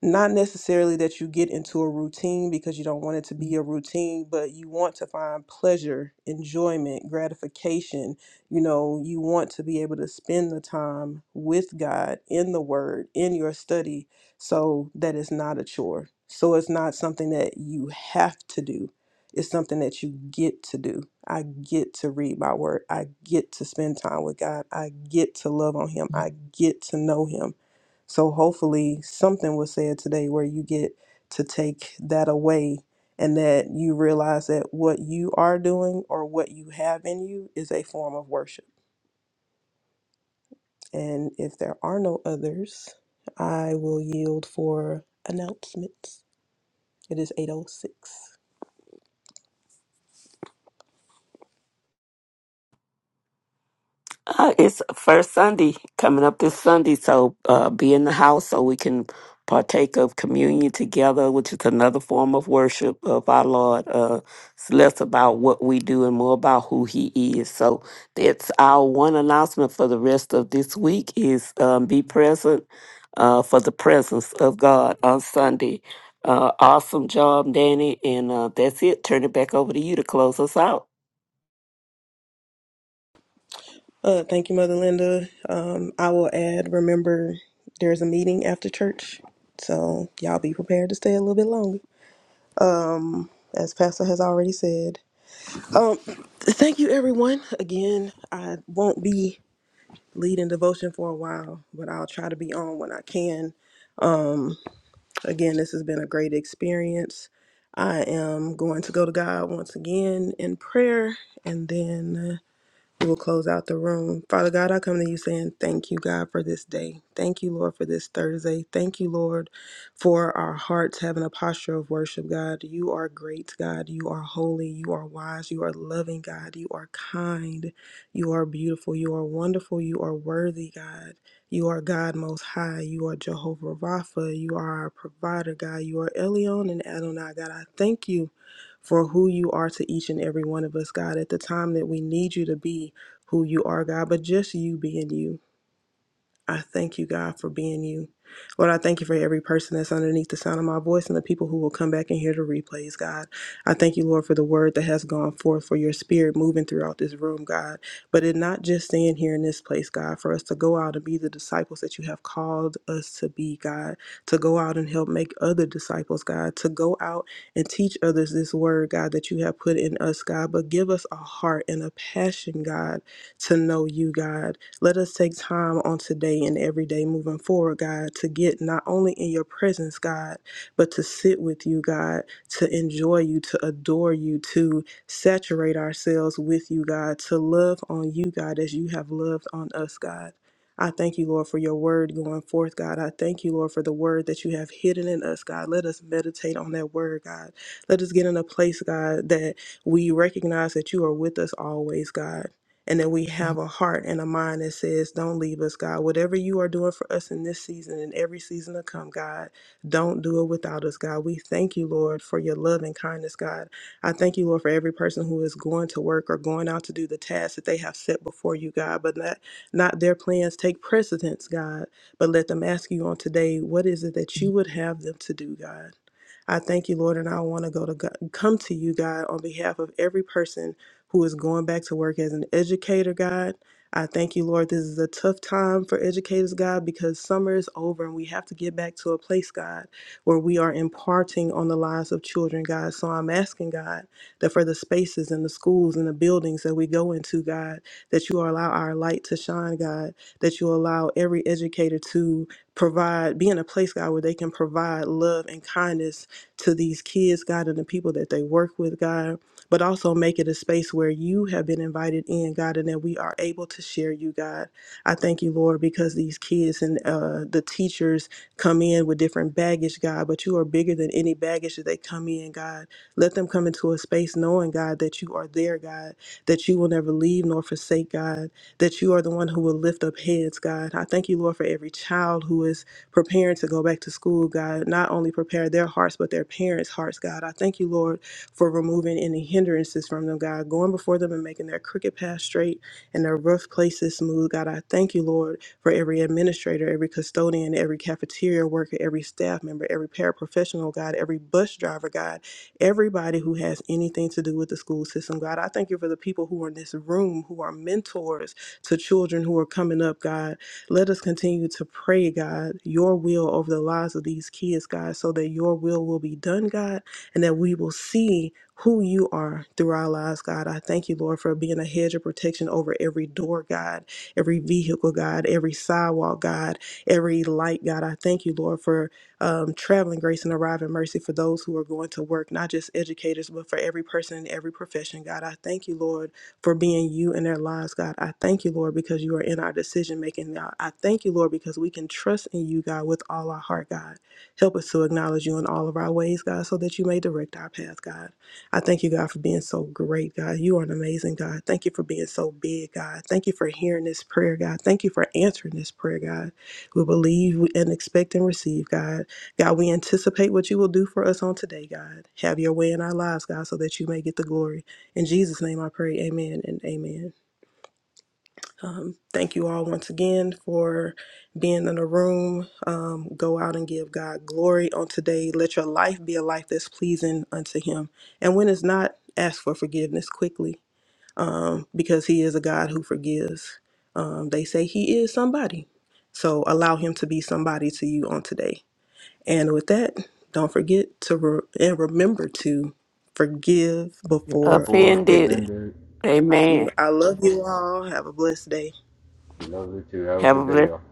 B: not necessarily that you get into a routine because you don't want it to be a routine, but you want to find pleasure, enjoyment, gratification. You know, you want to be able to spend the time with God in the Word, in your study, so that it's not a chore. So it's not something that you have to do. It's something that you get to do. I get to read my word. I get to spend time with God. I get to love on Him. I get to know Him so hopefully something was said today where you get to take that away and that you realize that what you are doing or what you have in you is a form of worship. And if there are no others, I will yield for announcements. It is 806.
A: Uh, it's first Sunday coming up this Sunday, so uh, be in the house so we can partake of communion together, which is another form of worship of our Lord. Uh, it's less about what we do and more about who He is. So that's our one announcement for the rest of this week: is um, be present uh, for the presence of God on Sunday. Uh, awesome job, Danny, and uh, that's it. Turn it back over to you to close us out.
B: Uh, thank you, Mother Linda. Um, I will add, remember, there's a meeting after church. So y'all be prepared to stay a little bit longer. As Pastor has already said, Um, thank you, everyone. Again, I won't be leading devotion for a while, but I'll try to be on when I can. Um, again, this has been a great experience. I am going to go to God once again in prayer, and then. We will close out the room. Father God, I come to you saying thank you, God, for this day. Thank you, Lord, for this Thursday. Thank you, Lord, for our hearts having a posture of worship, God. You are great, God. You are holy. You are wise. You are loving, God. You are kind. You are beautiful. You are wonderful. You are worthy, God. You are God Most High. You are Jehovah Rapha. You are our provider, God. You are Elion and Adonai, God. I thank you for who you are to each and every one of us, God, at the time that we need you to be who you are, God, but just you being you. I thank you, God, for being you. Lord, I thank you for every person that's underneath the sound of my voice and the people who will come back and hear the replays, God. I thank you, Lord, for the word that has gone forth, for your spirit moving throughout this room, God. But it not just staying here in this place, God, for us to go out and be the disciples that you have called us to be, God, to go out and help make other disciples, God, to go out and teach others this word, God, that you have put in us, God. But give us a heart and a passion, God, to know you, God. Let us take time on today and every day moving forward, God, to get not only in your presence, God, but to sit with you, God, to enjoy you, to adore you, to saturate ourselves with you, God, to love on you, God, as you have loved on us, God. I thank you, Lord, for your word going forth, God. I thank you, Lord, for the word that you have hidden in us, God. Let us meditate on that word, God. Let us get in a place, God, that we recognize that you are with us always, God and that we have a heart and a mind that says, Don't leave us, God. Whatever you are doing for us in this season and every season to come, God, don't do it without us, God. We thank you, Lord, for your love and kindness, God. I thank you, Lord, for every person who is going to work or going out to do the tasks that they have set before you, God, but not, not their plans take precedence, God, but let them ask you on today, What is it that you would have them to do, God? I thank you, Lord, and I want to go to God, come to you, God, on behalf of every person who is going back to work as an educator, God. I thank you, Lord. This is a tough time for educators, God, because summer is over and we have to get back to a place, God, where we are imparting on the lives of children, God. So I'm asking, God, that for the spaces and the schools and the buildings that we go into, God, that you allow our light to shine, God, that you allow every educator to provide, be in a place, God, where they can provide love and kindness to these kids, God, and the people that they work with, God, but also make it a space where you have been invited in, God, and that we are able to share you, God. I thank you, Lord, because these kids and uh, the teachers come in with different baggage, God, but you are bigger than any baggage that they come in, God. Let them come into a space knowing, God, that you are there, God, that you will never leave nor forsake, God, that you are the one who will lift up heads, God. I thank you, Lord, for every child who is preparing to go back to school, God. Not only prepare their hearts, but their parents' hearts, God. I thank you, Lord, for removing any hindrances from them, God, going before them and making their crooked path straight and their rough places smooth, God. I thank you, Lord, for every administrator, every custodian, every cafeteria worker, every staff member, every paraprofessional, God, every bus driver, God, everybody who has anything to do with the school system, God. I thank you for the people who are in this room who are mentors to children who are coming up, God. Let us continue to pray, God, your will over the lives of these kids, God, so that your will will be done, God, and that we will see who you are through our lives, God. I thank you, Lord, for being a hedge of protection over every door, God, every vehicle, God, every sidewalk, God, every light, God. I thank you, Lord, for um, traveling grace and arriving mercy for those who are going to work, not just educators, but for every person in every profession, God. I thank you, Lord for being you in their lives, God. I thank you, Lord, because you are in our decision making now. I thank you, Lord, because we can trust in you, God, with all our heart, God. Help us to acknowledge you in all of our ways, God, so that you may direct our path, God. I thank you, God, for being so great, God. You are an amazing God. Thank you for being so big, God. Thank you for hearing this prayer, God. Thank you for answering this prayer, God. We believe and expect and receive, God. God, we anticipate what you will do for us on today, God. Have your way in our lives, God, so that you may get the glory. In Jesus' name I pray, amen and amen. Um, thank you all once again for being in the room. Um, go out and give God glory on today. Let your life be a life that's pleasing unto Him. And when it's not, ask for forgiveness quickly um, because He is a God who forgives. Um, they say He is somebody. So allow Him to be somebody to you on today. And with that, don't forget to re- and remember to forgive before
D: before
A: offended.
B: offended
D: offenders.
B: you.
A: Amen.
B: I love you all. Have a blessed day.
D: We love you too. Have a
A: Heavenly.
D: good day, y'all.